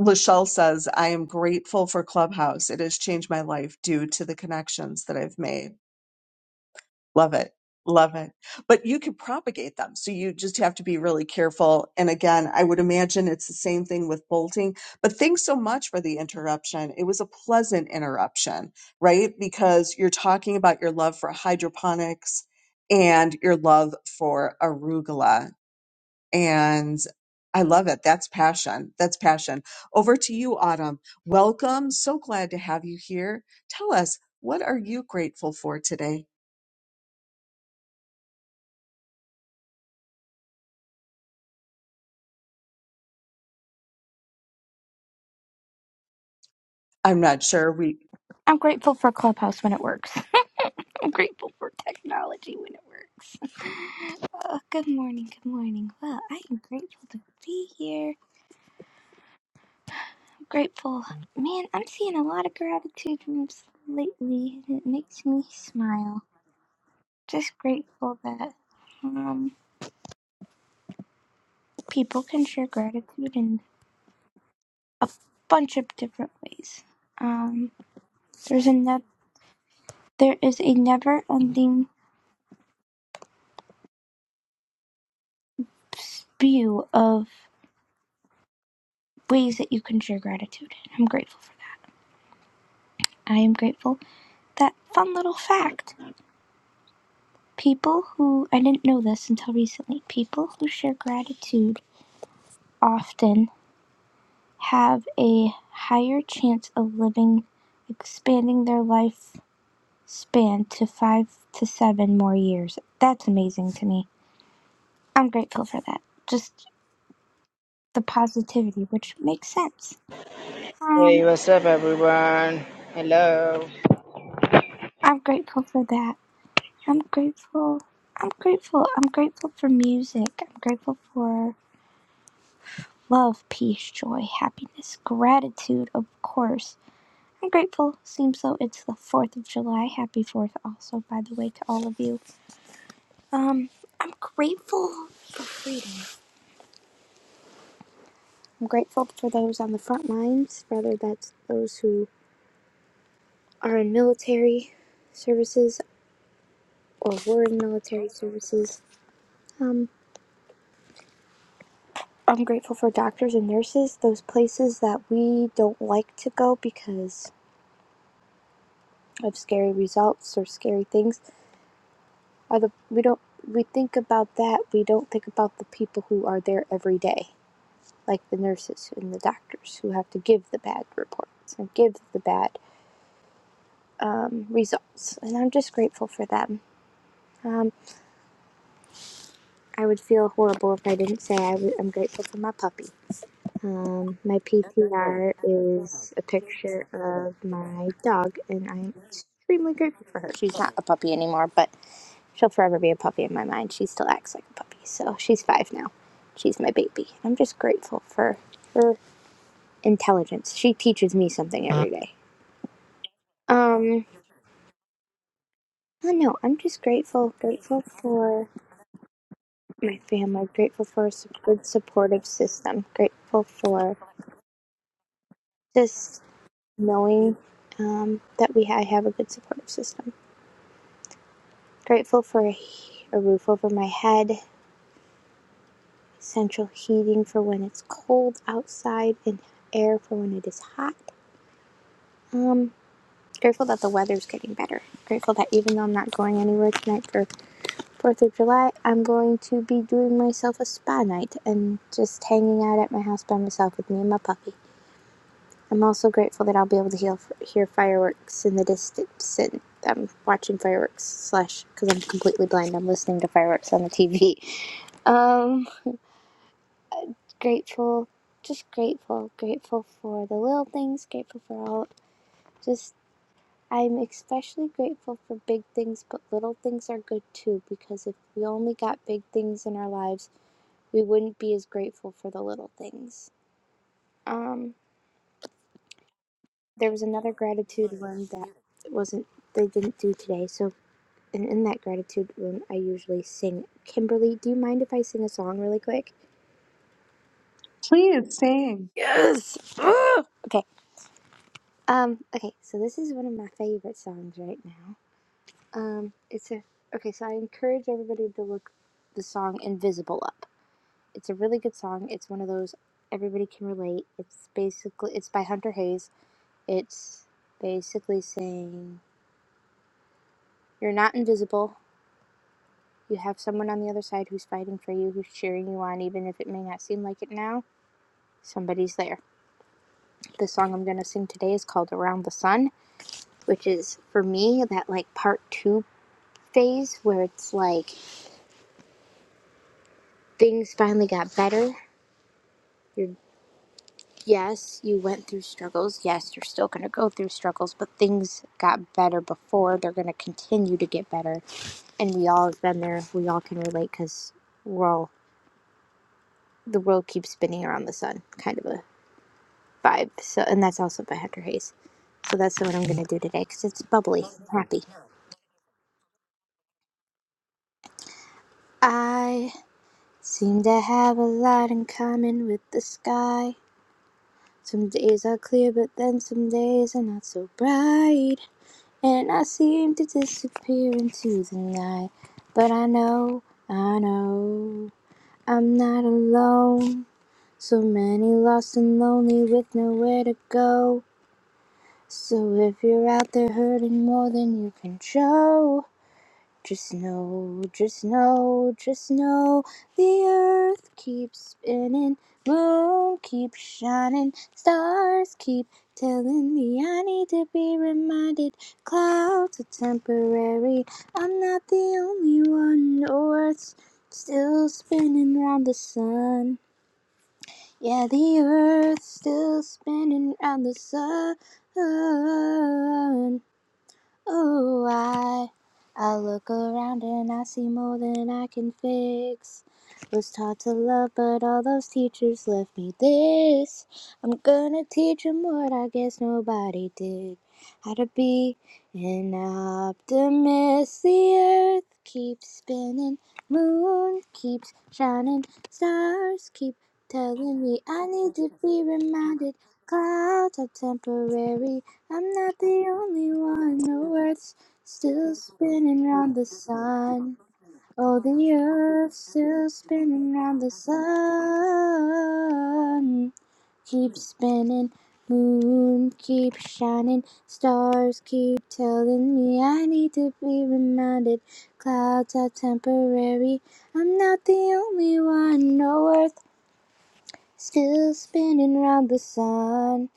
A: Lachelle says, I am grateful for Clubhouse. It has changed my life due to the connections that I've made. Love it. Love it. But you could propagate them. So you just have to be really careful. And again, I would imagine it's the same thing with bolting. But thanks so much for the interruption. It was a pleasant interruption, right? Because you're talking about your love for hydroponics and your love for arugula and I love it. That's passion. That's passion. Over to you, Autumn. Welcome. So glad to have you here. Tell us, what are you grateful for today? I'm not sure. We
C: I'm grateful for Clubhouse when it works. [laughs] I'm grateful for technology when it works. [laughs] Oh, good morning, good morning. Well, I am grateful to be here. I'm grateful. Man, I'm seeing a lot of gratitude rooms lately, and it makes me smile. Just grateful that um, people can share gratitude in a bunch of different ways. Um, there's a ne- there is a never-ending spew of ways that you can share gratitude. I'm grateful for that. I am grateful that fun little fact people who, I didn't know this until recently, people who share gratitude often have a higher chance of living, expanding their life span to five to seven more years. That's amazing to me. I'm grateful for that. Just the positivity, which makes sense.
D: Hey,
C: Um,
D: what's up, everyone? Hello.
C: I'm grateful for that. I'm grateful. I'm grateful. I'm grateful for music. I'm grateful for love, peace, joy, happiness, gratitude, of course. I'm grateful. Seems though it's the 4th of July. Happy 4th also, by the way, to all of you. Um, I'm grateful for freedom. I'm grateful for those on the front lines, whether that's those who are in military services or were in military services. Um. I'm grateful for doctors and nurses, those places that we don't like to go because of scary results or scary things. Are the we don't we think about that, we don't think about the people who are there every day, like the nurses and the doctors who have to give the bad reports and give the bad um, results. And I'm just grateful for them. Um, I would feel horrible if I didn't say i w- I'm grateful for my puppy. Um, my PTR is a picture of my dog, and I'm extremely grateful for her. She's not a puppy anymore, but she'll forever be a puppy in my mind. She still acts like a puppy, so she's five now. She's my baby. I'm just grateful for her intelligence. She teaches me something every day. Um, I don't know. I'm just grateful. Grateful for my family. Grateful for a su- good supportive system. Grateful for just. knowing um, that we ha- I have a good supportive system. Grateful for a, he- a roof over my head, central heating for when it's cold outside, and air for when it is hot. Um, grateful that the weather's getting better. Grateful that even though I'm not going anywhere tonight for Fourth of July, I'm going to be doing myself a spa night and just hanging out at my house by myself with me and my puppy. I'm also grateful that I'll be able to heal, hear fireworks in the distance. And I'm watching fireworks slash because I'm completely blind. I'm listening to fireworks on the TV. Um, grateful, just grateful, grateful for the little things. Grateful for all. Just I'm especially grateful for big things, but little things are good too. Because if we only got big things in our lives, we wouldn't be as grateful for the little things. Um, there was another gratitude one that wasn't they didn't do today. So And in that gratitude room, I usually sing. Kimberly, do you mind if I sing a song really quick?
A: please sing.
C: Okay. Um. Okay. So this is one of my favorite songs right now. Um. It's a. Okay. So I encourage everybody to look the song "Invisible" up. It's a really good song. It's one of those everybody can relate. It's basically it's by Hunter Hayes. It's basically saying you're not invisible. You have someone on the other side who's fighting for you, who's cheering you on, even if it may not seem like it now. Somebody's there. The song I'm going to sing today is called Around the Sun, which is for me that like part two phase where it's like things finally got better. You're, yes, you went through struggles. Yes, you're still going to go through struggles, but things got better before. They're going to continue to get better and we all have been there. We all can relate because we're all the world keeps spinning around the sun, kind of a vibe. So, and that's also by Hunter Hayes. So that's what I'm gonna do today because it's bubbly, happy. I. Seem to have a lot in common with the sky. Some days are clear, but then some days are not so bright. And I seem to disappear into the night. But I know, I know, I'm not alone. So many lost and lonely with nowhere to go. So if you're out there hurting more than you can show, Just know, just know, just know the earth keeps spinning, moon keeps shining, stars keep telling me I need to be reminded. Clouds are temporary, I'm not the only one. the Earth's still spinning round the sun. Yeah, the earth's still spinning round the sun. Oh, I, I look around and I see more than I can fix. Was taught to love, but all those teachers left me this. I'm gonna teach 'em what I guess nobody did. How to be and Optimus, the mist the earth keeps spinning, moon keeps shining, stars keep telling me I need to be reminded. Clouds are temporary, I'm not the only one. The earth's still spinning round the sun. Oh, the earth's still spinning round the sun. Keep spinning, moon keep shining, stars keep telling me I need to be reminded. Clouds are temporary, I'm not the only one. No earth still spinning round the sun.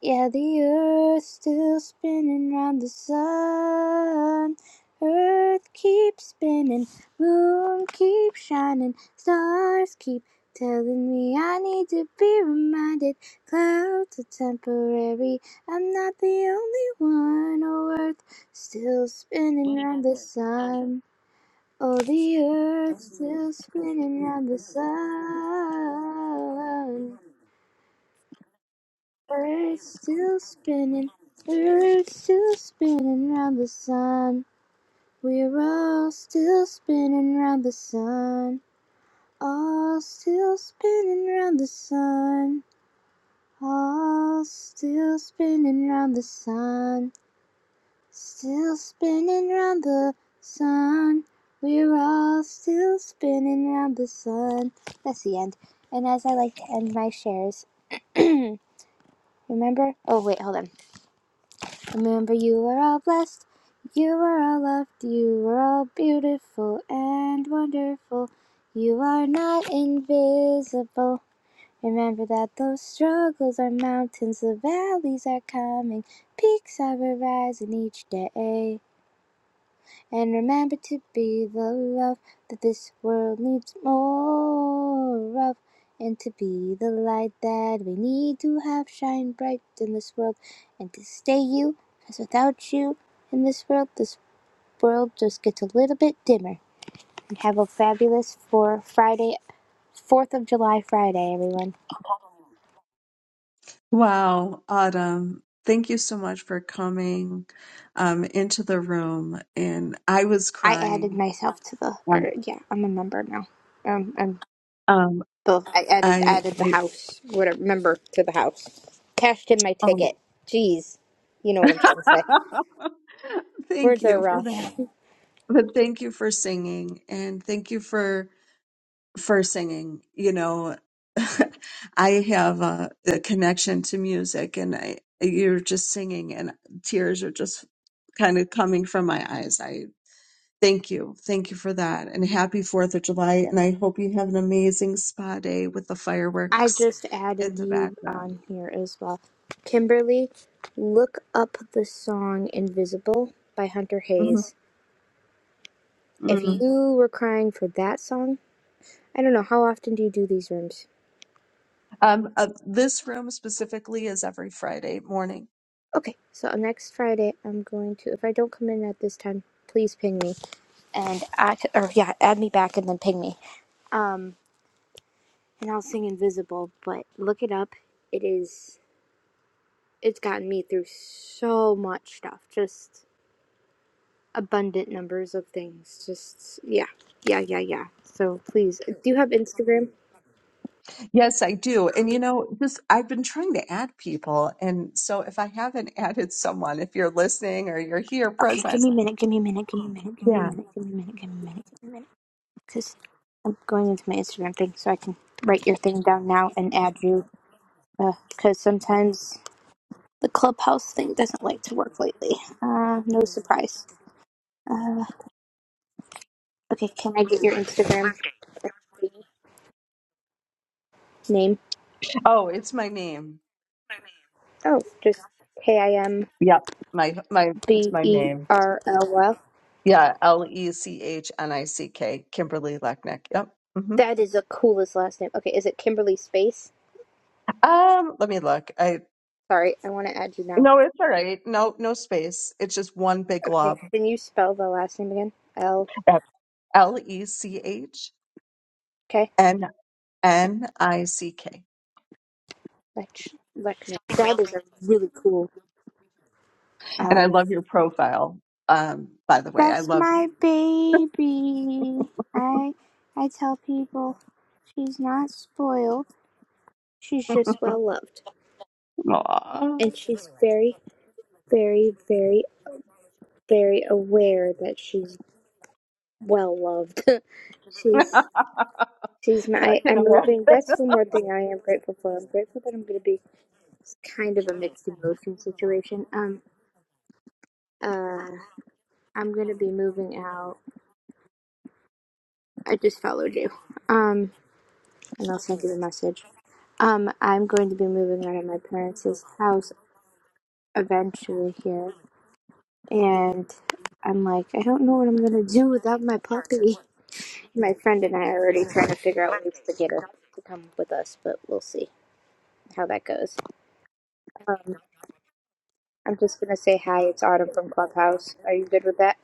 C: Yeah, the earth's still spinning round the sun. Earth keeps spinning, moon keeps shining, stars keep telling me I need to be reminded. Clouds are temporary, I'm not the only one. Oh, Earth still spinning round the sun. Oh, the earth still spinning round the sun. Earth's still spinning, Earth's still spinning round the sun. We're all still spinning round the sun. All still spinning round the sun. All still spinning round the sun. Still spinning round the sun. We're all still spinning round the sun. That's the end. And as I like to end my shares, [clears throat] remember? Oh, wait, hold on. Remember, you are all blessed, you are all loved, you are all beautiful and wonderful. You are not invisible. Remember that those struggles are mountains, the valleys are coming, peaks are arising each day. And remember to be the love that this world needs more of. And to be the light that we need to have shine bright in this world. And to stay you, because without you in this world, this world just gets a little bit dimmer. And have a fabulous for Friday, 4th of July Friday, everyone.
A: Wow, Autumn. Thank you so much for coming um, into the room. And I was
C: I added
A: crying.
C: myself to the, or
A: Um,
C: yeah, I'm a member now. Um, I'm
A: um,
C: Both. I added
A: I,
C: added the
A: I
C: house, whatever member to the house. Cashed in my
A: oh.
C: ticket. Jeez. You know what
A: [laughs]
C: I'm trying to say.
A: thank
C: Words are
A: you for that.
C: rough.
A: But thank you for singing, and thank you for for singing. You know, [laughs] I have a, a connection to music, and I you're just singing, and tears are just kind of coming from my eyes. I thank you, thank you for that, and happy Fourth of July, and I hope you have an amazing spa day with the
C: [laughs] I
A: fireworks
C: just
A: in
C: added
A: the
C: you
A: background.
C: on here as well. Kimberly, look up the song Invisible by Hunter
A: hmm
C: Hayes. If you were crying for that song, I don't know, how often do you do these rooms?
A: Um, uh, this room specifically is every Friday morning
C: Okay, so next Friday I'm going to if I don't come in at this time, please ping me. And I or yeah, add me back and then ping me. Um. and I'll sing Invisible, but look it up. It is it's gotten me through so much stuff. Just abundant numbers of things. Just yeah. Yeah, yeah, yeah. So please, do you have Instagram?
A: Yes, I do. And you know, just I've been trying to add people. And so if I haven't added someone, if you're listening or you're here
C: Okay, give
A: present,
C: me a minute, give me a minute, give me a minute, give me a
A: yeah.
C: minute, give me a minute, give me a minute, give me a minute. Because I'm going into my Instagram thing so I can write your thing down now and add you. Because sometimes the clubhouse thing doesn't like to work lately. Uh, no surprise. Uh, Okay, can I get your Instagram name?
A: Oh, it's my name.
C: Oh, just K I M
A: Yep. My my it's
C: B
A: my
C: E
A: name.
C: R L Y.
A: Yeah, L E C H N I C K, Kimberly Lechnick. Yep. hmm
C: That is the coolest last name. Okay, is it Kimberly Space?
A: Um, let me look. I
C: Sorry, I want to add you now.
A: no, it's all right. No, no space. It's just one big
C: Okay,
A: glob.
C: can you spell the last name again? L
A: L E C H
C: K.
A: N N I C K.
C: Lech- Lechner. That is a really cool.
A: And I
C: Um,
A: love your profile. Um, by the way, I
C: that's
A: love.
C: my baby. I I tell people she's not spoiled. She's
A: [laughs]
C: just well loved,
A: Aw.
C: and she's very, very, very very aware that she's well loved. [laughs]
A: [laughs] I
C: she's she's my I,
A: can
C: am
A: imagine.
C: moving. That's one more thing I am grateful for. I'm grateful that I'm gonna be it's kind of a mixed emotion situation. Um uh I'm gonna be moving out. I just followed you. Um and I'll send you the message. Um I'm going to be moving out of my parents' house eventually here and I'm like, I don't know what I'm gonna do without my puppy. My friend and I are already trying to figure out ways to get her to come with us, but we'll see how that goes. Um, I'm just gonna say hi. It's Autumn from Clubhouse. Are you good with that?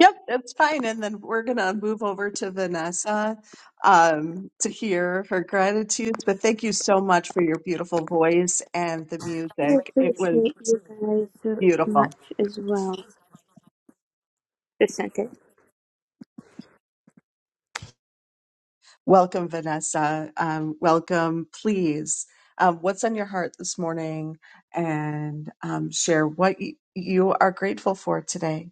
A: Yep, it's fine. And then we're going to move over to Vanessa um, to hear her gratitudes. But thank you so much for your beautiful voice and the
C: I
A: music. It was
C: appreciate you guys so much
A: beautiful.
C: as well. Just sent it.
A: Welcome, Vanessa. Um, welcome, please. Um, what's on your heart this morning? And um, share what y- you are grateful for today.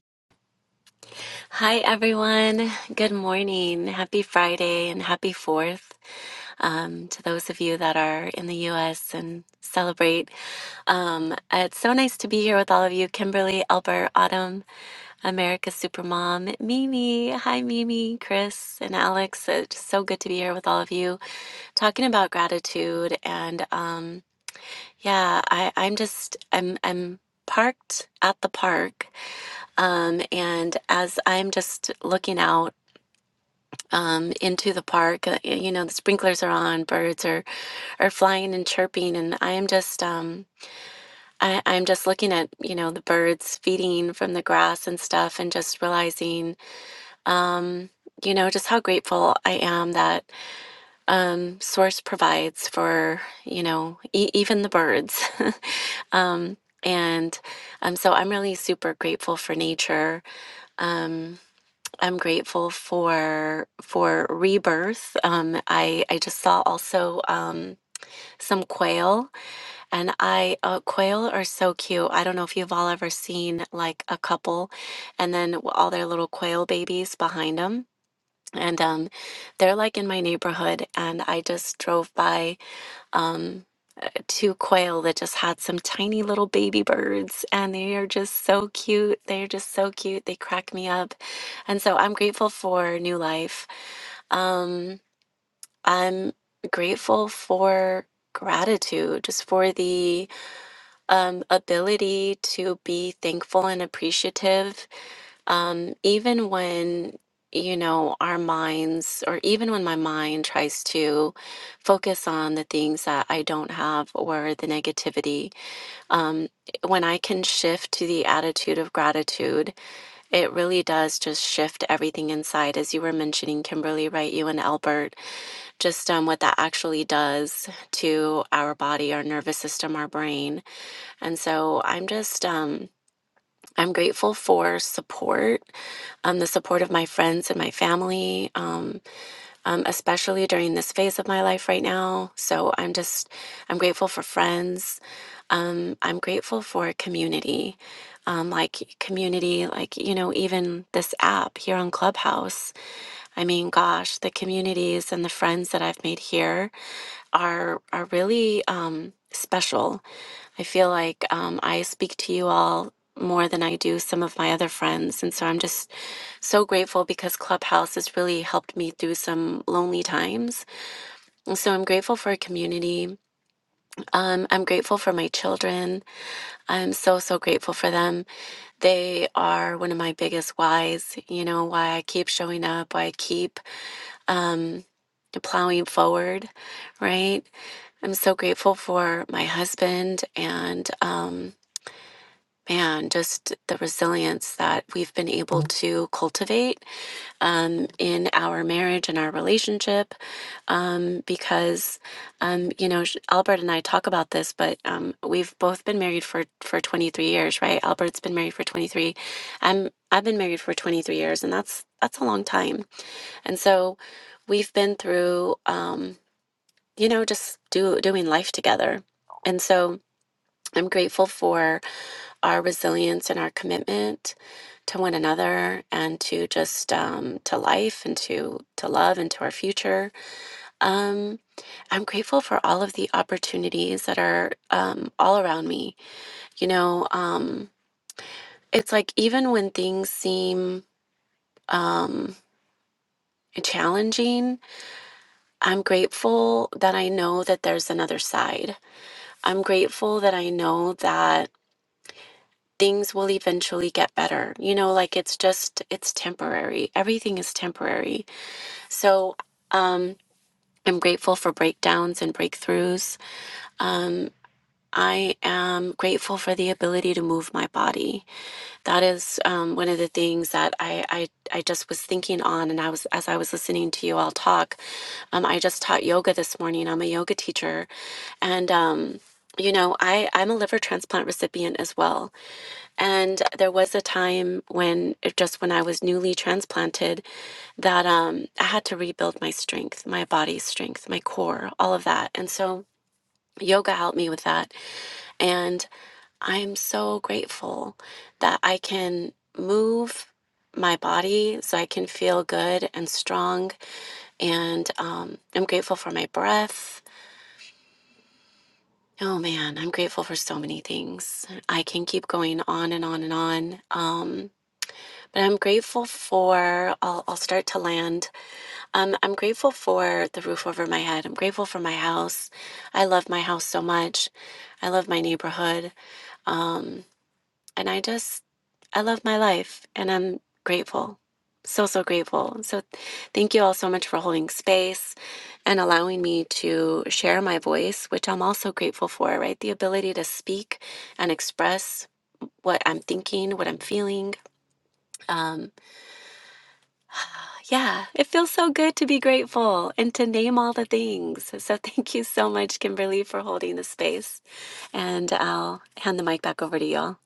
E: Hi, everyone. Good morning. Happy Friday and happy 4th um, to those of you that are in the U.S. and celebrate. Um, it's so nice to be here with all of you Kimberly, Albert, Autumn, America's Supermom, Mimi. Hi, Mimi, Chris, and Alex. It's so good to be here with all of you talking about gratitude. And um, yeah, I, I'm just, I'm, I'm parked at the park um, and as i'm just looking out um, into the park. Uh, You know, the sprinklers are on, birds are are flying and chirping, and I am just um, I, I'm just looking at you know the birds feeding from the grass and stuff, and just realizing. Um, you know just how grateful i am that um, source provides for you know e- even the birds [laughs] um, and um, so i'm really super grateful for nature um, I'm grateful for for rebirth. Um, I I just saw also um, some quail, and I uh, quail are so cute. I don't know if you've all ever seen like a couple, and then all their little quail babies behind them, and um, they're like in my neighborhood. And I just drove by. Um, two quail that just had some tiny little baby birds and they are just so cute. They are just so cute. They crack me up. And so I'm grateful for new life. Um I'm grateful for gratitude just for the um ability to be thankful and appreciative um even when you know our minds or even when my mind tries to focus on the things that I don't have or the negativity um, when I can shift to the attitude of gratitude, it really does just shift everything inside. As you were mentioning, Kimberly, right? You and Albert, just um, what that actually does to our body, our nervous system, our brain. And so I'm just, um, I'm grateful for support, um, the support of my friends and my family. Um, um, especially during this phase of my life right now. So I'm just, I'm grateful for friends. Um, I'm grateful for community, um, like community, like, you know, even this app here on Clubhouse. I mean, gosh, the communities and the friends that I've made here are, are really um, special I feel like um, I speak to you all more than I do some of my other friends. And so I'm just so grateful because Clubhouse has really helped me through some lonely times. And so I'm grateful for a community. Um, I'm grateful for my children. I'm so, so grateful for them. They are one of my biggest whys, you know, why I keep showing up, why I keep um, plowing forward, right? I'm so grateful for my husband and, um, man, just the resilience that we've been able Mhm. to cultivate um, in our marriage and our relationship. Um, because, um, you know, sh- Albert and I talk about this, but um, we've both been married for, for 23 years, right? Albert's been married for 23. I'm, I've been married for 23 years, and that's, that's a long time. And so we've been through, um, you know, just do, doing life together. And so I'm grateful for our resilience and our commitment to one another and to just um, to life and to to love and to our future. Um, I'm grateful for all of the opportunities that are um, all around me. You know, um, it's like even when things seem um, challenging, I'm grateful that I know that there's another side. I'm grateful that I know that. things will eventually get better. You know, like it's just, it's temporary. Everything is temporary. So um, I'm grateful for breakdowns and breakthroughs. Um, I am grateful for the ability to move my body. That is um, one of the things that I, I I just was thinking on, and I was as I was listening to you all talk. Um, I just taught yoga this morning. I'm a yoga teacher, and um, you know, I I'm a liver transplant recipient as well. And there was a time when, just when I was newly transplanted, that um, I had to rebuild my strength, my body's strength, my core, all of that. And so yoga helped me with that. And I am so grateful that I can move my body so I can feel good and strong. And um, I'm grateful for my breath. Oh man, I'm grateful for so many things. I can keep going on and on and on. Um, But I'm grateful for, I'll, I'll start to land. Um, I'm grateful for the roof over my head. I'm grateful for my house. I love my house so much. I love my neighborhood. Um, and I just, I love my life and I'm grateful. So, so grateful. So, thank you all so much for holding space and allowing me to share my voice, which I'm also grateful for, right? The ability to speak and express what I'm thinking, what I'm feeling. Um, Yeah, it feels so good to be grateful and to name all the things. So [laughs] thank you so much, Kimberly, for holding the space. And I'll hand the mic back over to y'all.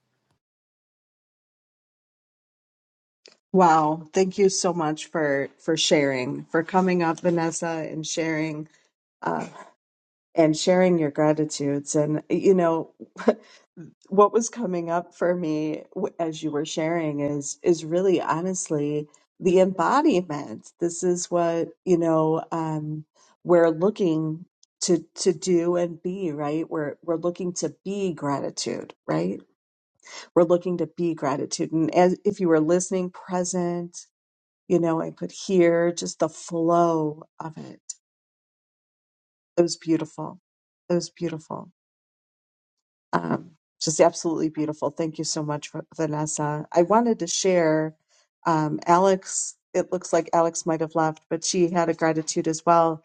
A: Wow, thank you so much for for sharing, for coming up, Vanessa, and sharing uh, and sharing your gratitudes. And you know, [laughs] what was coming up for me w- as you were sharing is is really honestly the embodiment. This is what you know um, we're looking to to do and be right. We're we're looking to be gratitude, right? We're looking to be gratitude. And as if you were listening, present, you know, I could hear just the flow of it. It was beautiful. It was beautiful. um, just absolutely beautiful. Thank you so much, Vanessa. I wanted to share um, Alex. It looks like Alex might have left, but she had a gratitude as well.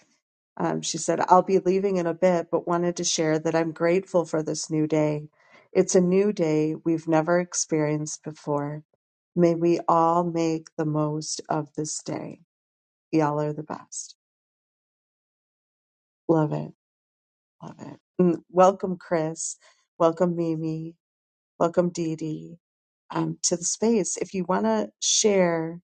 A: Um, she said, I'll be leaving in a bit, but wanted to share that I'm grateful for this new day. It's a new day we've never experienced before. May we all make the most of this day. Y'all are the best. Love it. Love it. And welcome, Chris. Welcome, Mimi. Welcome, Dee Dee, um, to the space. If you want to share,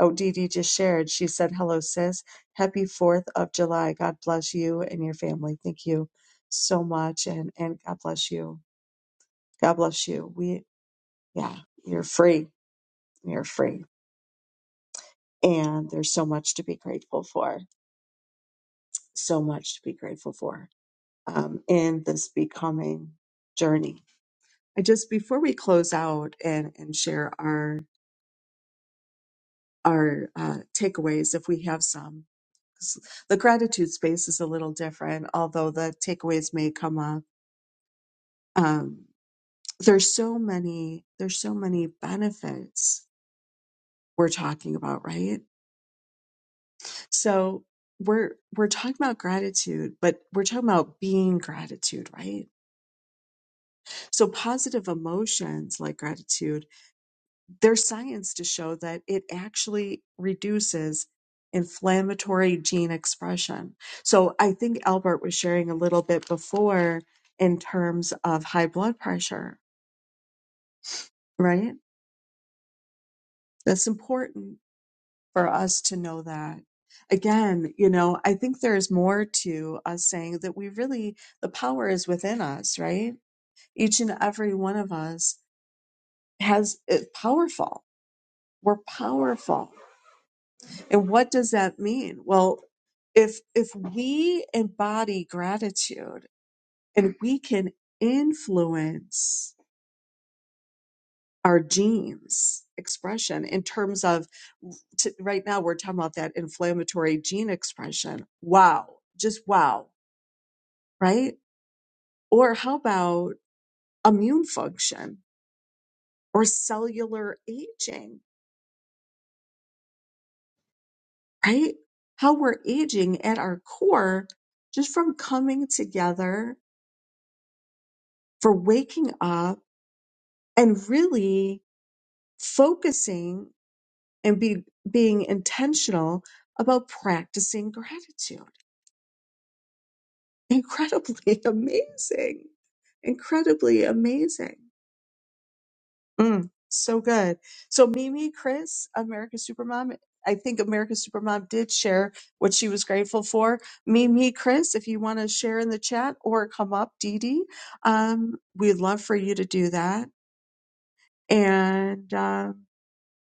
A: oh, Dee Dee just shared. She said, Hello, sis. Happy 4th of July. God bless you and your family. Thank you so much. And, and God bless you. God bless you. We, yeah, you're free. You're free. And there's so much to be grateful for. So much to be grateful for um, in this becoming journey. I just, before we close out and, and share our our uh, takeaways if we have some. 'Cause The gratitude space is a little different, although the takeaways may come up. Um, there's so many. There's so many benefits we're talking about, right? So we're we're talking about gratitude, but we're talking about being gratitude, right? So positive emotions like gratitude there's science to show that it actually reduces inflammatory gene expression. So I think Albert was sharing a little bit before in terms of high blood pressure, right? That's important for us to know that. Again, you know, I think there's more to us saying that we really, the power is within us, right? Each and every one of us has, is powerful. We're powerful And what does that mean? Well, if if we embody gratitude and we can influence our genes expression in terms of t- right now we're talking about that inflammatory gene expression. Wow, just wow, right? Or how about immune function or cellular aging, right? How we're aging at our core just from coming together, for waking up and really focusing and be being intentional about practicing gratitude. Incredibly [laughs] amazing. Incredibly amazing. Mm, so good. So Mimi, Chris, America's Supermom, I think America's Supermom did share what she was grateful for. Mimi, Chris, if you want to share in the chat or come up, Dee Dee, um, we'd love for you to do that. And uh,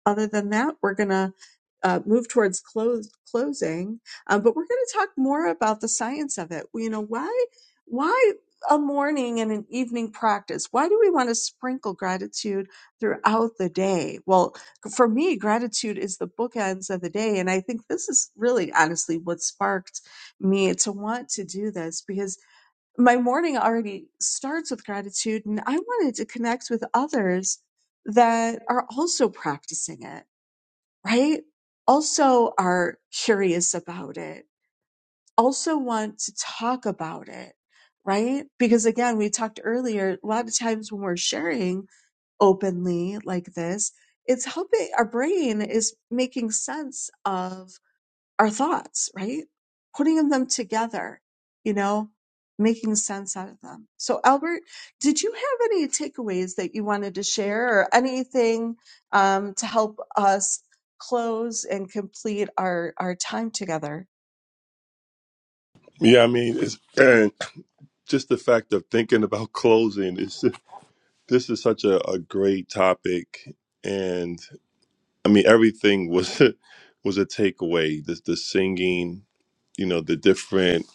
A: other than that, we're going to uh, move towards close, closing, um, but we're going to talk more about the science of it. You know, why, why a morning and an evening practice? Why do we want to sprinkle gratitude throughout the day? Well, for me, gratitude is the bookends of the day. And I think this is really honestly what sparked me to want to do this because my morning already starts with gratitude and I wanted to connect with others that are also practicing it right? Also are curious about it, also want to talk about it, right? Because again, we talked earlier, a lot of times when we're sharing openly like this, it's helping our brain is making sense of our thoughts, right? Putting them together, you know, making sense out of them. So, Albert, did you have any takeaways that you wanted to share or anything um, to help us close and complete our, our time together?
B: Yeah, I mean, it's, and just the fact of thinking about closing is this is such a, a great topic, and I mean, everything was [laughs] was a takeaway. The the singing, you know, the different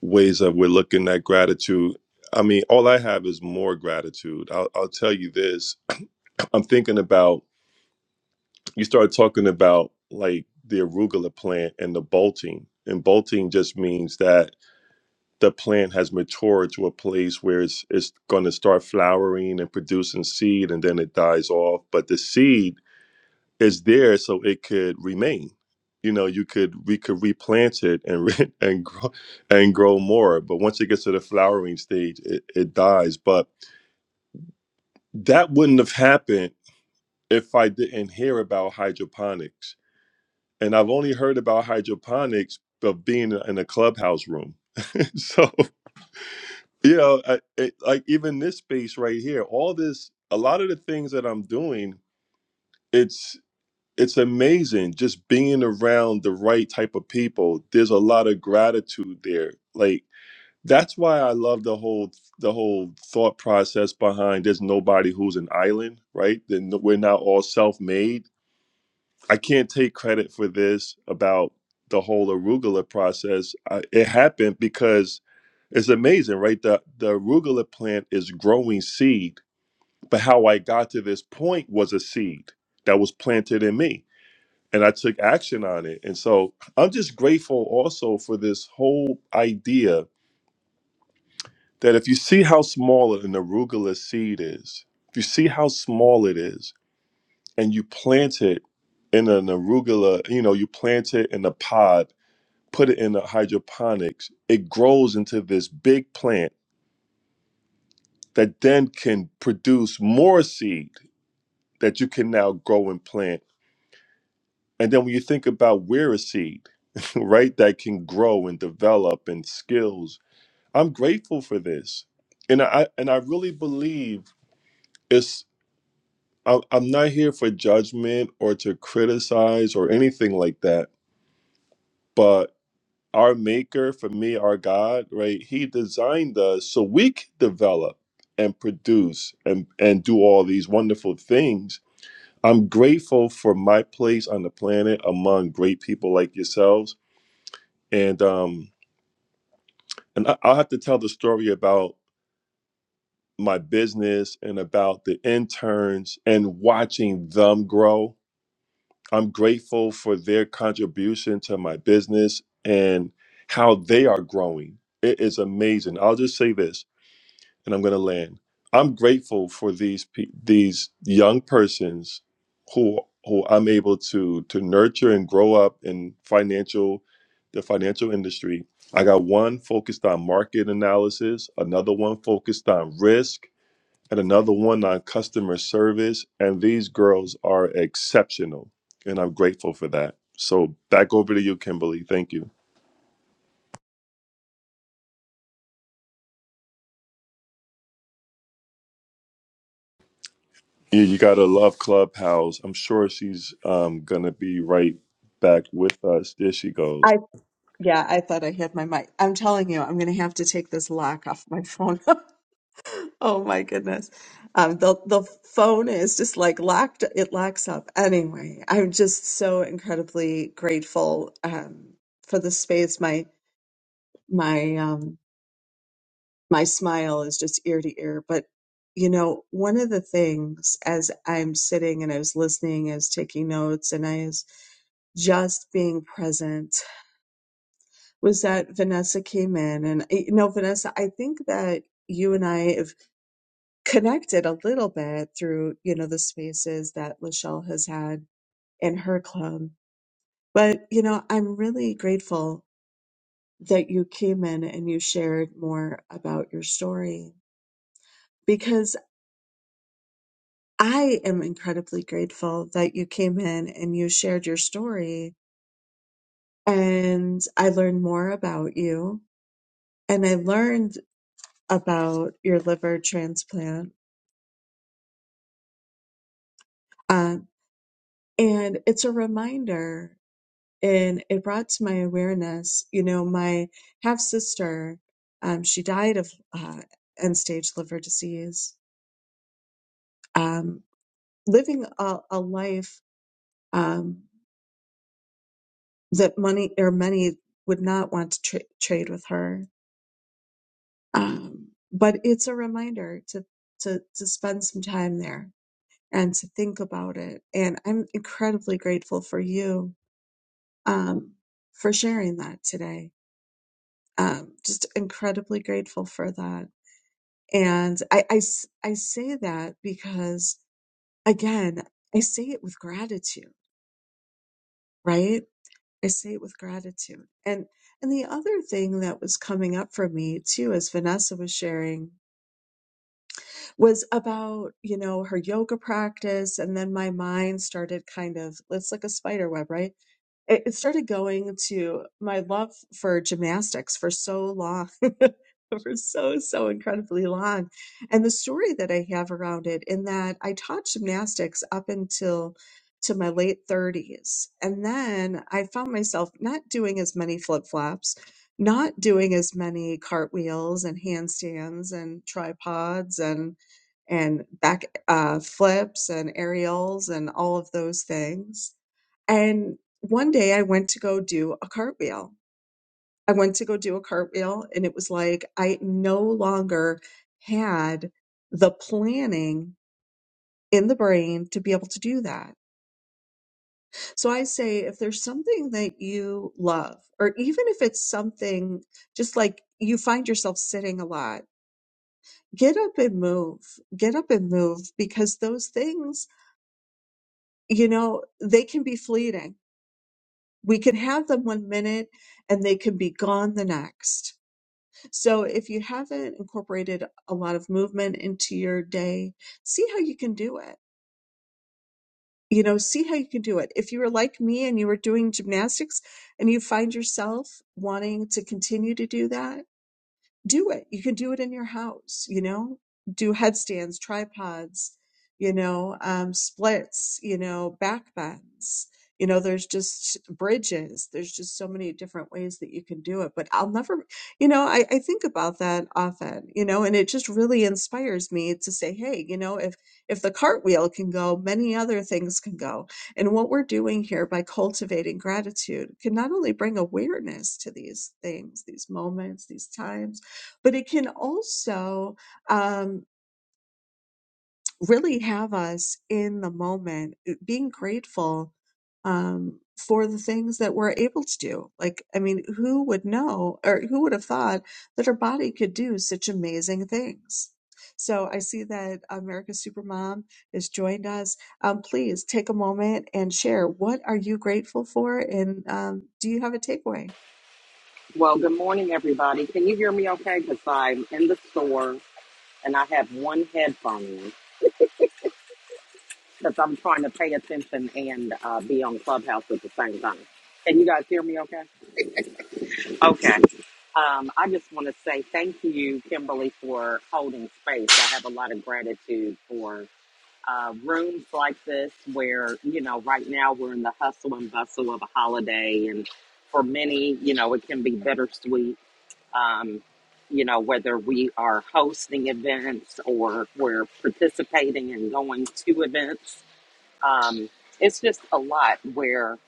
B: ways that we're looking at gratitude. I mean, all I have is more gratitude. I'll, I'll tell you this. I'm thinking about you start talking about like the arugula plant and the bolting and bolting just means that the plant has matured to a place where it's it's going to start flowering and producing seed and then it dies off but the seed is there so it could remain you know you could we could replant it and re- [laughs] and grow and grow more but once it gets to the flowering stage it, it dies but that wouldn't have happened if i didn't hear about hydroponics and I've only heard about hydroponics of being in a clubhouse room. [laughs] so you know, I, it, like even this space right here, all this, a lot of the things that I'm doing, it's it's amazing just being around the right type of people. There's a lot of gratitude there. Like that's why I love the whole the whole thought process behind there's nobody who's an island, right? Then we're not all self-made I can't take credit for this about the whole arugula process. I, it happened because it's amazing, right? The the arugula plant is growing seed, but how I got to this point was a seed that was planted in me, and I took action on it. And so I'm just grateful also for this whole idea that if you see how small an arugula seed is, if you see how small it is, and you plant it in an arugula, you know, you plant it in a pod, put it in a hydroponics, it grows into this big plant that then can produce more seed that you can now grow and plant. And then when you think about we're a seed, [laughs] right, that can grow and develop and skills, I'm grateful for this. And I and I really believe it's I- I'm not here for judgment or to criticize or anything like that. But our maker, for me, our God, right? He designed us so we could develop and produce and, and do all these wonderful things. I'm grateful for my place on the planet among great people like yourselves. And um, and I, I'll have to tell the story about my business and about the interns and watching them grow. I'm grateful for their contribution to my business and how they are growing. It is amazing. I'll just say this and I'm going to land. I'm grateful for these pe- these young persons who who I'm able to to nurture and grow up in financial the financial industry. I got one focused on market analysis, another one focused on risk, and another one on customer service. And these girls are exceptional, and I'm grateful for that. So back over to you, Kimberly. Thank you. Yeah, you gotta love Clubhouse. I'm sure she's um gonna be right back with us. There she goes.
A: I yeah, I thought I had my mic. I'm telling you, I'm going to have to take this lock off my phone. [laughs] Oh my goodness. Um, the the phone is just like locked, it locks up. Anyway, I'm just so incredibly grateful um, for the space. My my um, my smile is just ear to ear. But you know, one of the things as I'm sitting and I was listening, I was taking notes, and I was just being present was that Vanessa came in, and eh, you know, Vanessa, I think that you and I have connected a little bit through you know the spaces that Lachelle has had in her club. But you know, I'm really grateful that you came in and you shared more about your story because I am incredibly grateful that you came in and you shared your story and I learned more about you and I learned about your liver transplant. Um, and it's a reminder and it brought to my awareness you know my half sister um, she died of uh, end stage liver disease um, living a, a life um, that money or many would not want to tra- trade with her um, but it's a reminder to, to to spend some time there and to think about it and i'm incredibly grateful for you um, for sharing that today um, just incredibly grateful for that And I, I s- I say that because, again, I say it with gratitude, right? I say it with gratitude. And, and the other thing that was coming up for me too, as Vanessa was sharing, was about, you know, her yoga practice. And then my mind started kind of, it's like a spider web, right? it, it started going to my love for gymnastics for so long [laughs] for so so incredibly long and the story that i have around it in that i taught gymnastics up until to my late 30s and then i found myself not doing as many flip-flops not doing as many cartwheels and handstands and tripods and and back uh, flips and aerials and all of those things and one day I went to go do a cartwheel. I went to go do a cartwheel, and it was like I no longer had the planning in the brain to be able to do that. So I say if there's something that you love, or even if it's something just like you find yourself sitting a lot, get up and move. Get up and move because those things, you know, they can be fleeting. We can have them one minute and they can be gone the next So if you haven't incorporated a lot of movement into your day, see how you can do it. You know, see how you can do it. If you were like me and you were doing gymnastics and you find yourself wanting to continue to do that, do it. You can do it in your house, you know, do headstands, tripods, you know, um, splits, you know, back bends. You know, there's just bridges. There's just so many different ways that you can do it. But I'll never, you know, I, I think about that often, you know, and it just really inspires me to say, hey, you know, if if the cartwheel can go, many other things can go. And what we're doing here by cultivating gratitude can not only bring awareness to these things, these moments, these times, but it can also um, really have us in the moment, eh, being grateful um, for the things that we're able to do. Like, I mean, who would know or who would have thought that our body could do such amazing things? So I see that America's Supermom has joined us. Um, please take a moment and share what are you grateful for, and um, do you have a takeaway?
F: Well, good morning, everybody. Can you hear me okay? Because I'm in the store and I have one headphone because I'm trying to pay attention and uh, be on Clubhouse at the same time. Can you guys hear me okay? Okay. Um, I just want to say thank you, Kimberly, for holding space. I have a lot of gratitude for uh, rooms like this where, you know, right now we're in the hustle and bustle of a holiday and for many, you know, it can be bittersweet um, you know, whether we are hosting events or we're participating and going to events. Um, it's just a lot where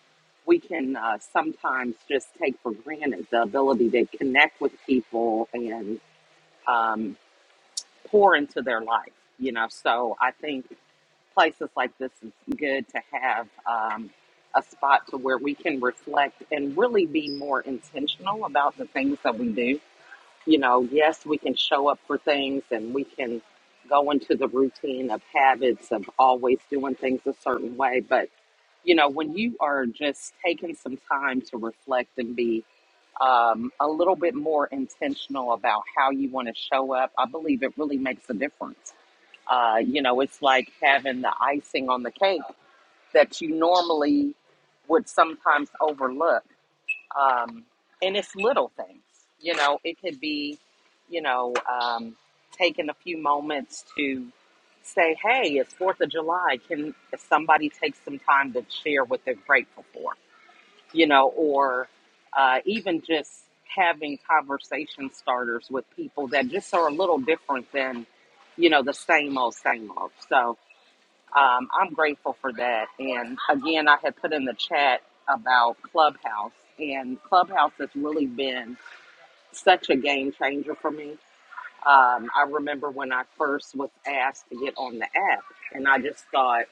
F: we can uh, sometimes just take for granted the ability to connect with people and um, pour into their life, you know. So I think places like this is good to have um, a spot to where we can reflect and really be more intentional about the things that we do you know, yes, we can show up for things and we can go into the routine of habits of always doing things a certain way. But, you know, when you are just taking some time to reflect and be um, a little bit more intentional about how you want to show up, I believe it really makes a difference. Uh, you know, it's like having the icing on the cake that you normally would sometimes overlook um, and it's little things, you know, it could be, you know, um, taking a few moments to say, hey, it's 4th of July. Can somebody take some time to share what they're grateful for? You know, or uh, even just having conversation starters with people that just are a little different than, you know, the same old, same old. So, um, I'm grateful for that. And again, I had put in the chat about Clubhouse, and Clubhouse has really been such a game changer for me. Um, I remember when I first was asked to get on the app, and I just thought,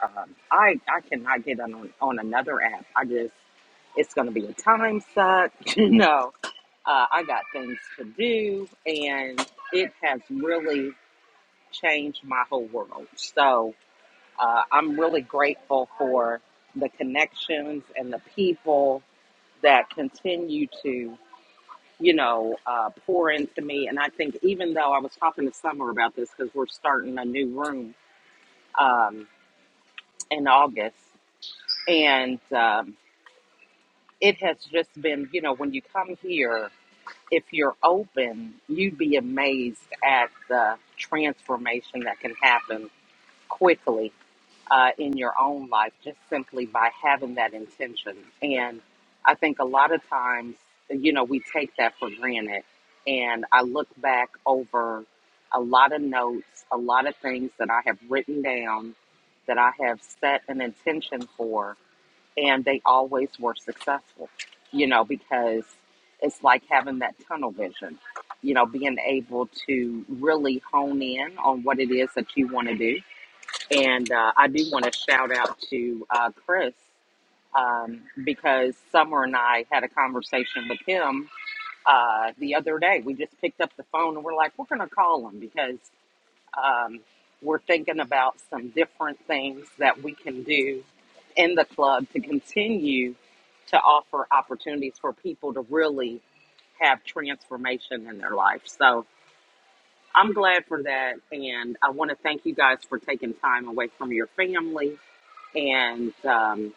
F: um, I I cannot get on on another app. I just it's going to be a time suck, [laughs] you know. Uh, I got things to do, and it has really changed my whole world. So uh, I'm really grateful for the connections and the people that continue to, you know, uh, pour into me. And I think even though I was talking to Summer about this because we're starting a new room um, in August, and um, it has just been, you know, when you come here, if you're open, you'd be amazed at the transformation that can happen quickly uh, in your own life just simply by having that intention. And I think a lot of times, you know, we take that for granted. And I look back over a lot of notes, a lot of things that I have written down, that I have set an intention for, and they always were successful, you know, because it's like having that tunnel vision, you know, being able to really hone in on what it is that you want to do and uh, I do want to shout out to uh, Chris um, because Summer and I had a conversation with him uh, the other day. We just picked up the phone and we're like, we're going to call him because um, we're thinking about some different things that we can do in the club to continue to offer opportunities for people to really have transformation in their life. So I'm glad for that. And I want to thank you guys for taking time away from your family and um,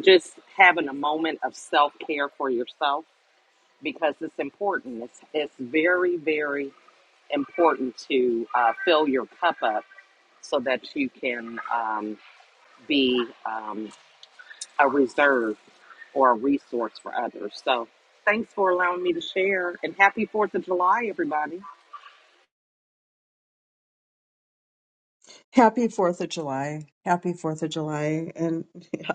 F: just having a moment of self care for yourself because it's important. It's, it's very, very important to uh, fill your cup up so that you can um, be um, a reserve or a resource for others. So, thanks for allowing me to share and happy 4th of July, everybody.
A: Happy Fourth of July! Happy Fourth of July! And [laughs]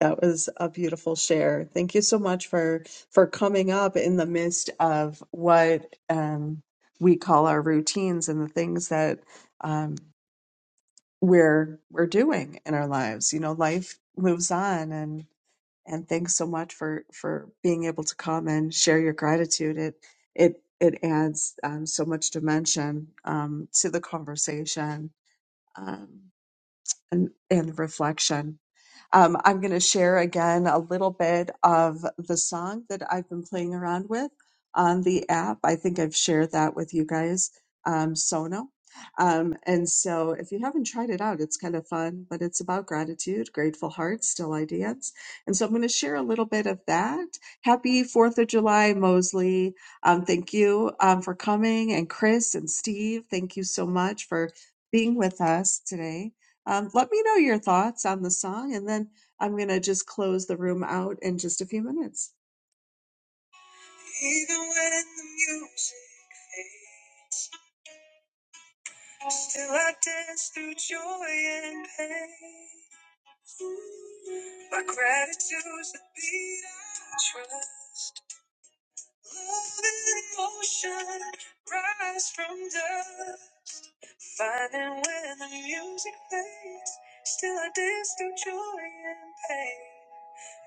A: That was a beautiful share. Thank you so much for for coming up in the midst of what um, we call our routines and the things that um, we're we're doing in our lives. You know, life moves on, and and thanks so much for for being able to come and share your gratitude. It it it adds um, so much dimension um, to the conversation um, and and reflection. Um, I'm going to share again a little bit of the song that I've been playing around with on the app. I think I've shared that with you guys, um, Sono. Um, and so if you haven't tried it out, it's kind of fun, but it's about gratitude, grateful hearts, still ideas. And so I'm going to share a little bit of that. Happy 4th of July, Mosley. Um, thank you um, for coming. And Chris and Steve, thank you so much for being with us today. Um, let me know your thoughts on the song, and then I'm going to just close the room out in just a few minutes. Even when the music fades, still I dance through joy and pain. My gratitude's the beat I trust. Love in motion, rise from dust. Finding when the music fades, still I dance through joy and pain.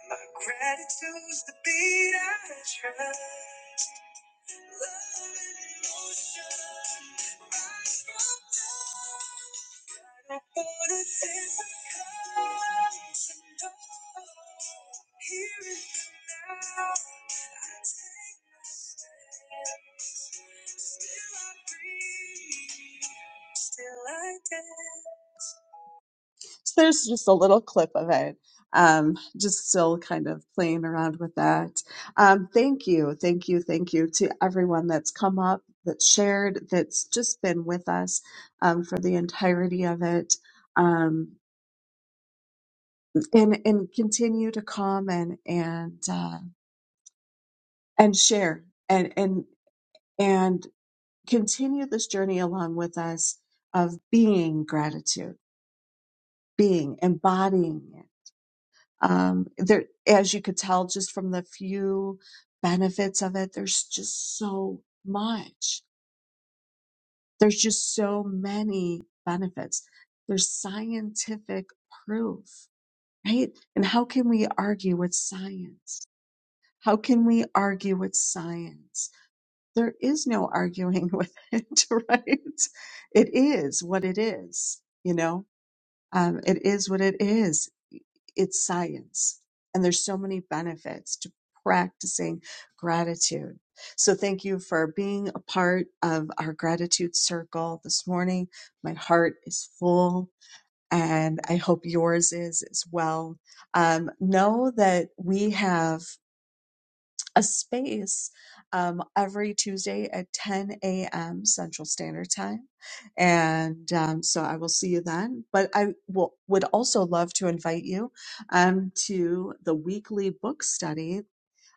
A: My gratitude's the beat I trust. Love and emotion rise from dawn. For the days that come to know. Here in the now, I take my stand. Still I breathe, still I dance. So there's just a little clip of it. Um, just still kind of playing around with that. Um, thank you, thank you, thank you to everyone that's come up, that's shared, that's just been with us um, for the entirety of it, um, and and continue to come and and uh, and share and and and continue this journey along with us of being gratitude, being embodying. it. Um, there, as you could tell just from the few benefits of it, there's just so much. There's just so many benefits. There's scientific proof, right? And how can we argue with science? How can we argue with science? There is no arguing [laughs] with it, right? It is what it is, you know? Um, it is what it is. It's science. And there's so many benefits to practicing gratitude. So thank you for being a part of our gratitude circle this morning. My heart is full and I hope yours is as well. Um, know that we have a space um, every Tuesday at 10 a.m. Central Standard Time. And um, so I will see you then. But I will, would also love to invite you um, to the weekly book study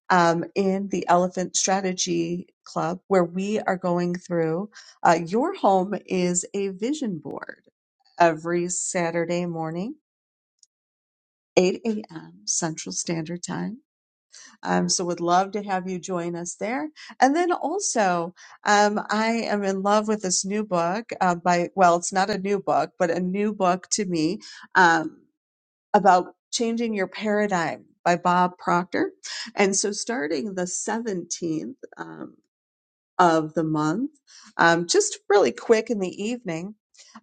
A: um, in the Elephant Strategy Club, where we are going through uh, your home is a vision board every Saturday morning, 8 a.m. Central Standard Time um, so would love to have you join us there. And then also, um, I am in love with this new book uh, by, well, it's not a new book, but a new book to me um, about changing your paradigm by Bob Proctor. And so starting the 17th, um, of the month, um, just really quick in the evening.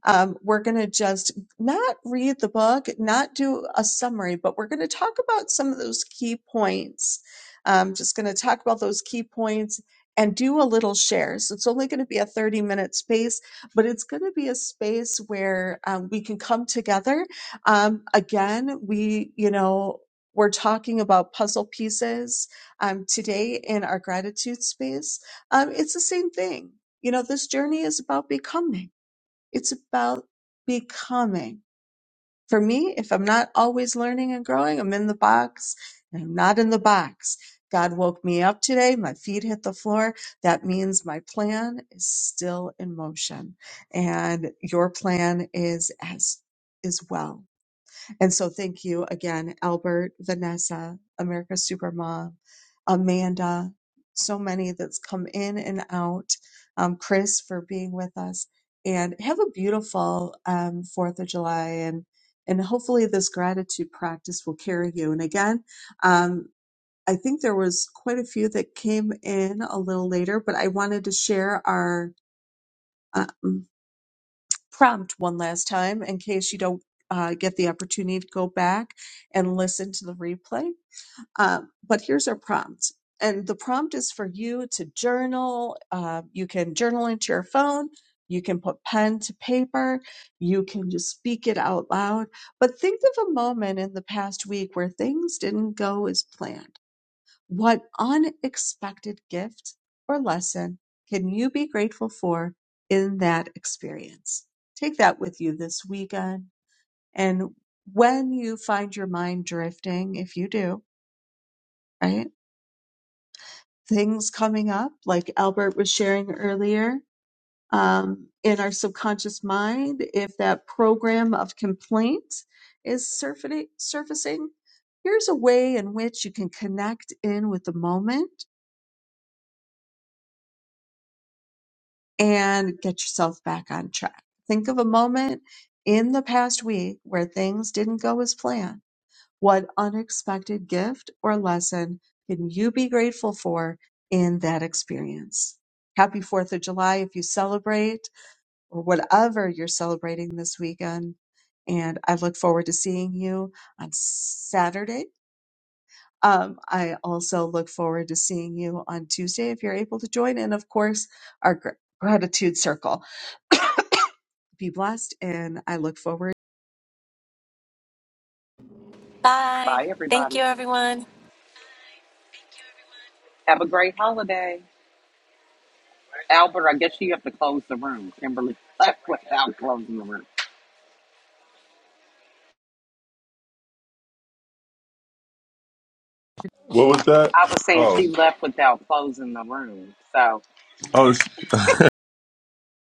A: Um, we're going to just not read the book, not do a summary, but we're going to talk about some of those key points. Um, just going to talk about those key points and do a little share. So it's only going to be a 30 minute space, but it's going to be a space where um, we can come together. Um, again, we, you know, we're talking about puzzle pieces um, today in our gratitude space um, it's the same thing. You know, this journey is about becoming. It's about becoming. For me, if I'm not always learning and growing, I'm in the box and I'm not in the box. God woke me up today. My feet hit the floor. That means my plan is still in motion and your plan is as, is well and so thank you again, Albert, Vanessa, America Supermom, Amanda, so many that's come in and out. Um, Chris for being with us and have a beautiful um, 4th of July and and hopefully this gratitude practice will carry you. And again, um, I think there was quite a few that came in a little later, but I wanted to share our, um, prompt one last time in case you don't uh, get the opportunity to go back and listen to the replay. Um, but here's our prompt. And the prompt is for you to journal. Uh, you can journal into your phone. You can put pen to paper. You can just speak it out loud. But think of a moment in the past week where things didn't go as planned what unexpected gift or lesson can you be grateful for in that experience? Take that with you this weekend. And when you find your mind drifting, if you do, right? Things coming up, like Albert was sharing earlier, um, in our subconscious mind, if that program of complaint is surfacing, surfacing, here's a way in which you can connect in with the moment and get yourself back on track. Think of a moment in the past week where things didn't go as planned. What unexpected gift or lesson can you be grateful for in that experience? Happy 4th of July if you celebrate or whatever you're celebrating this weekend. And I look forward to seeing you on Saturday. Um, I also look forward to seeing you on Tuesday if you're able to join. And of course, our gr- gratitude circle. [coughs] be blessed, and I look forward.
E: Bye.
F: Bye,
E: Thank you,
F: everybody.
E: everyone.
F: Have a great holiday. Albert, I guess you have to close the room. Kimberly [laughs] left without closing the room.
B: What was that?
F: I was saying
B: Oh,
F: she left without closing the room. So,
B: oh.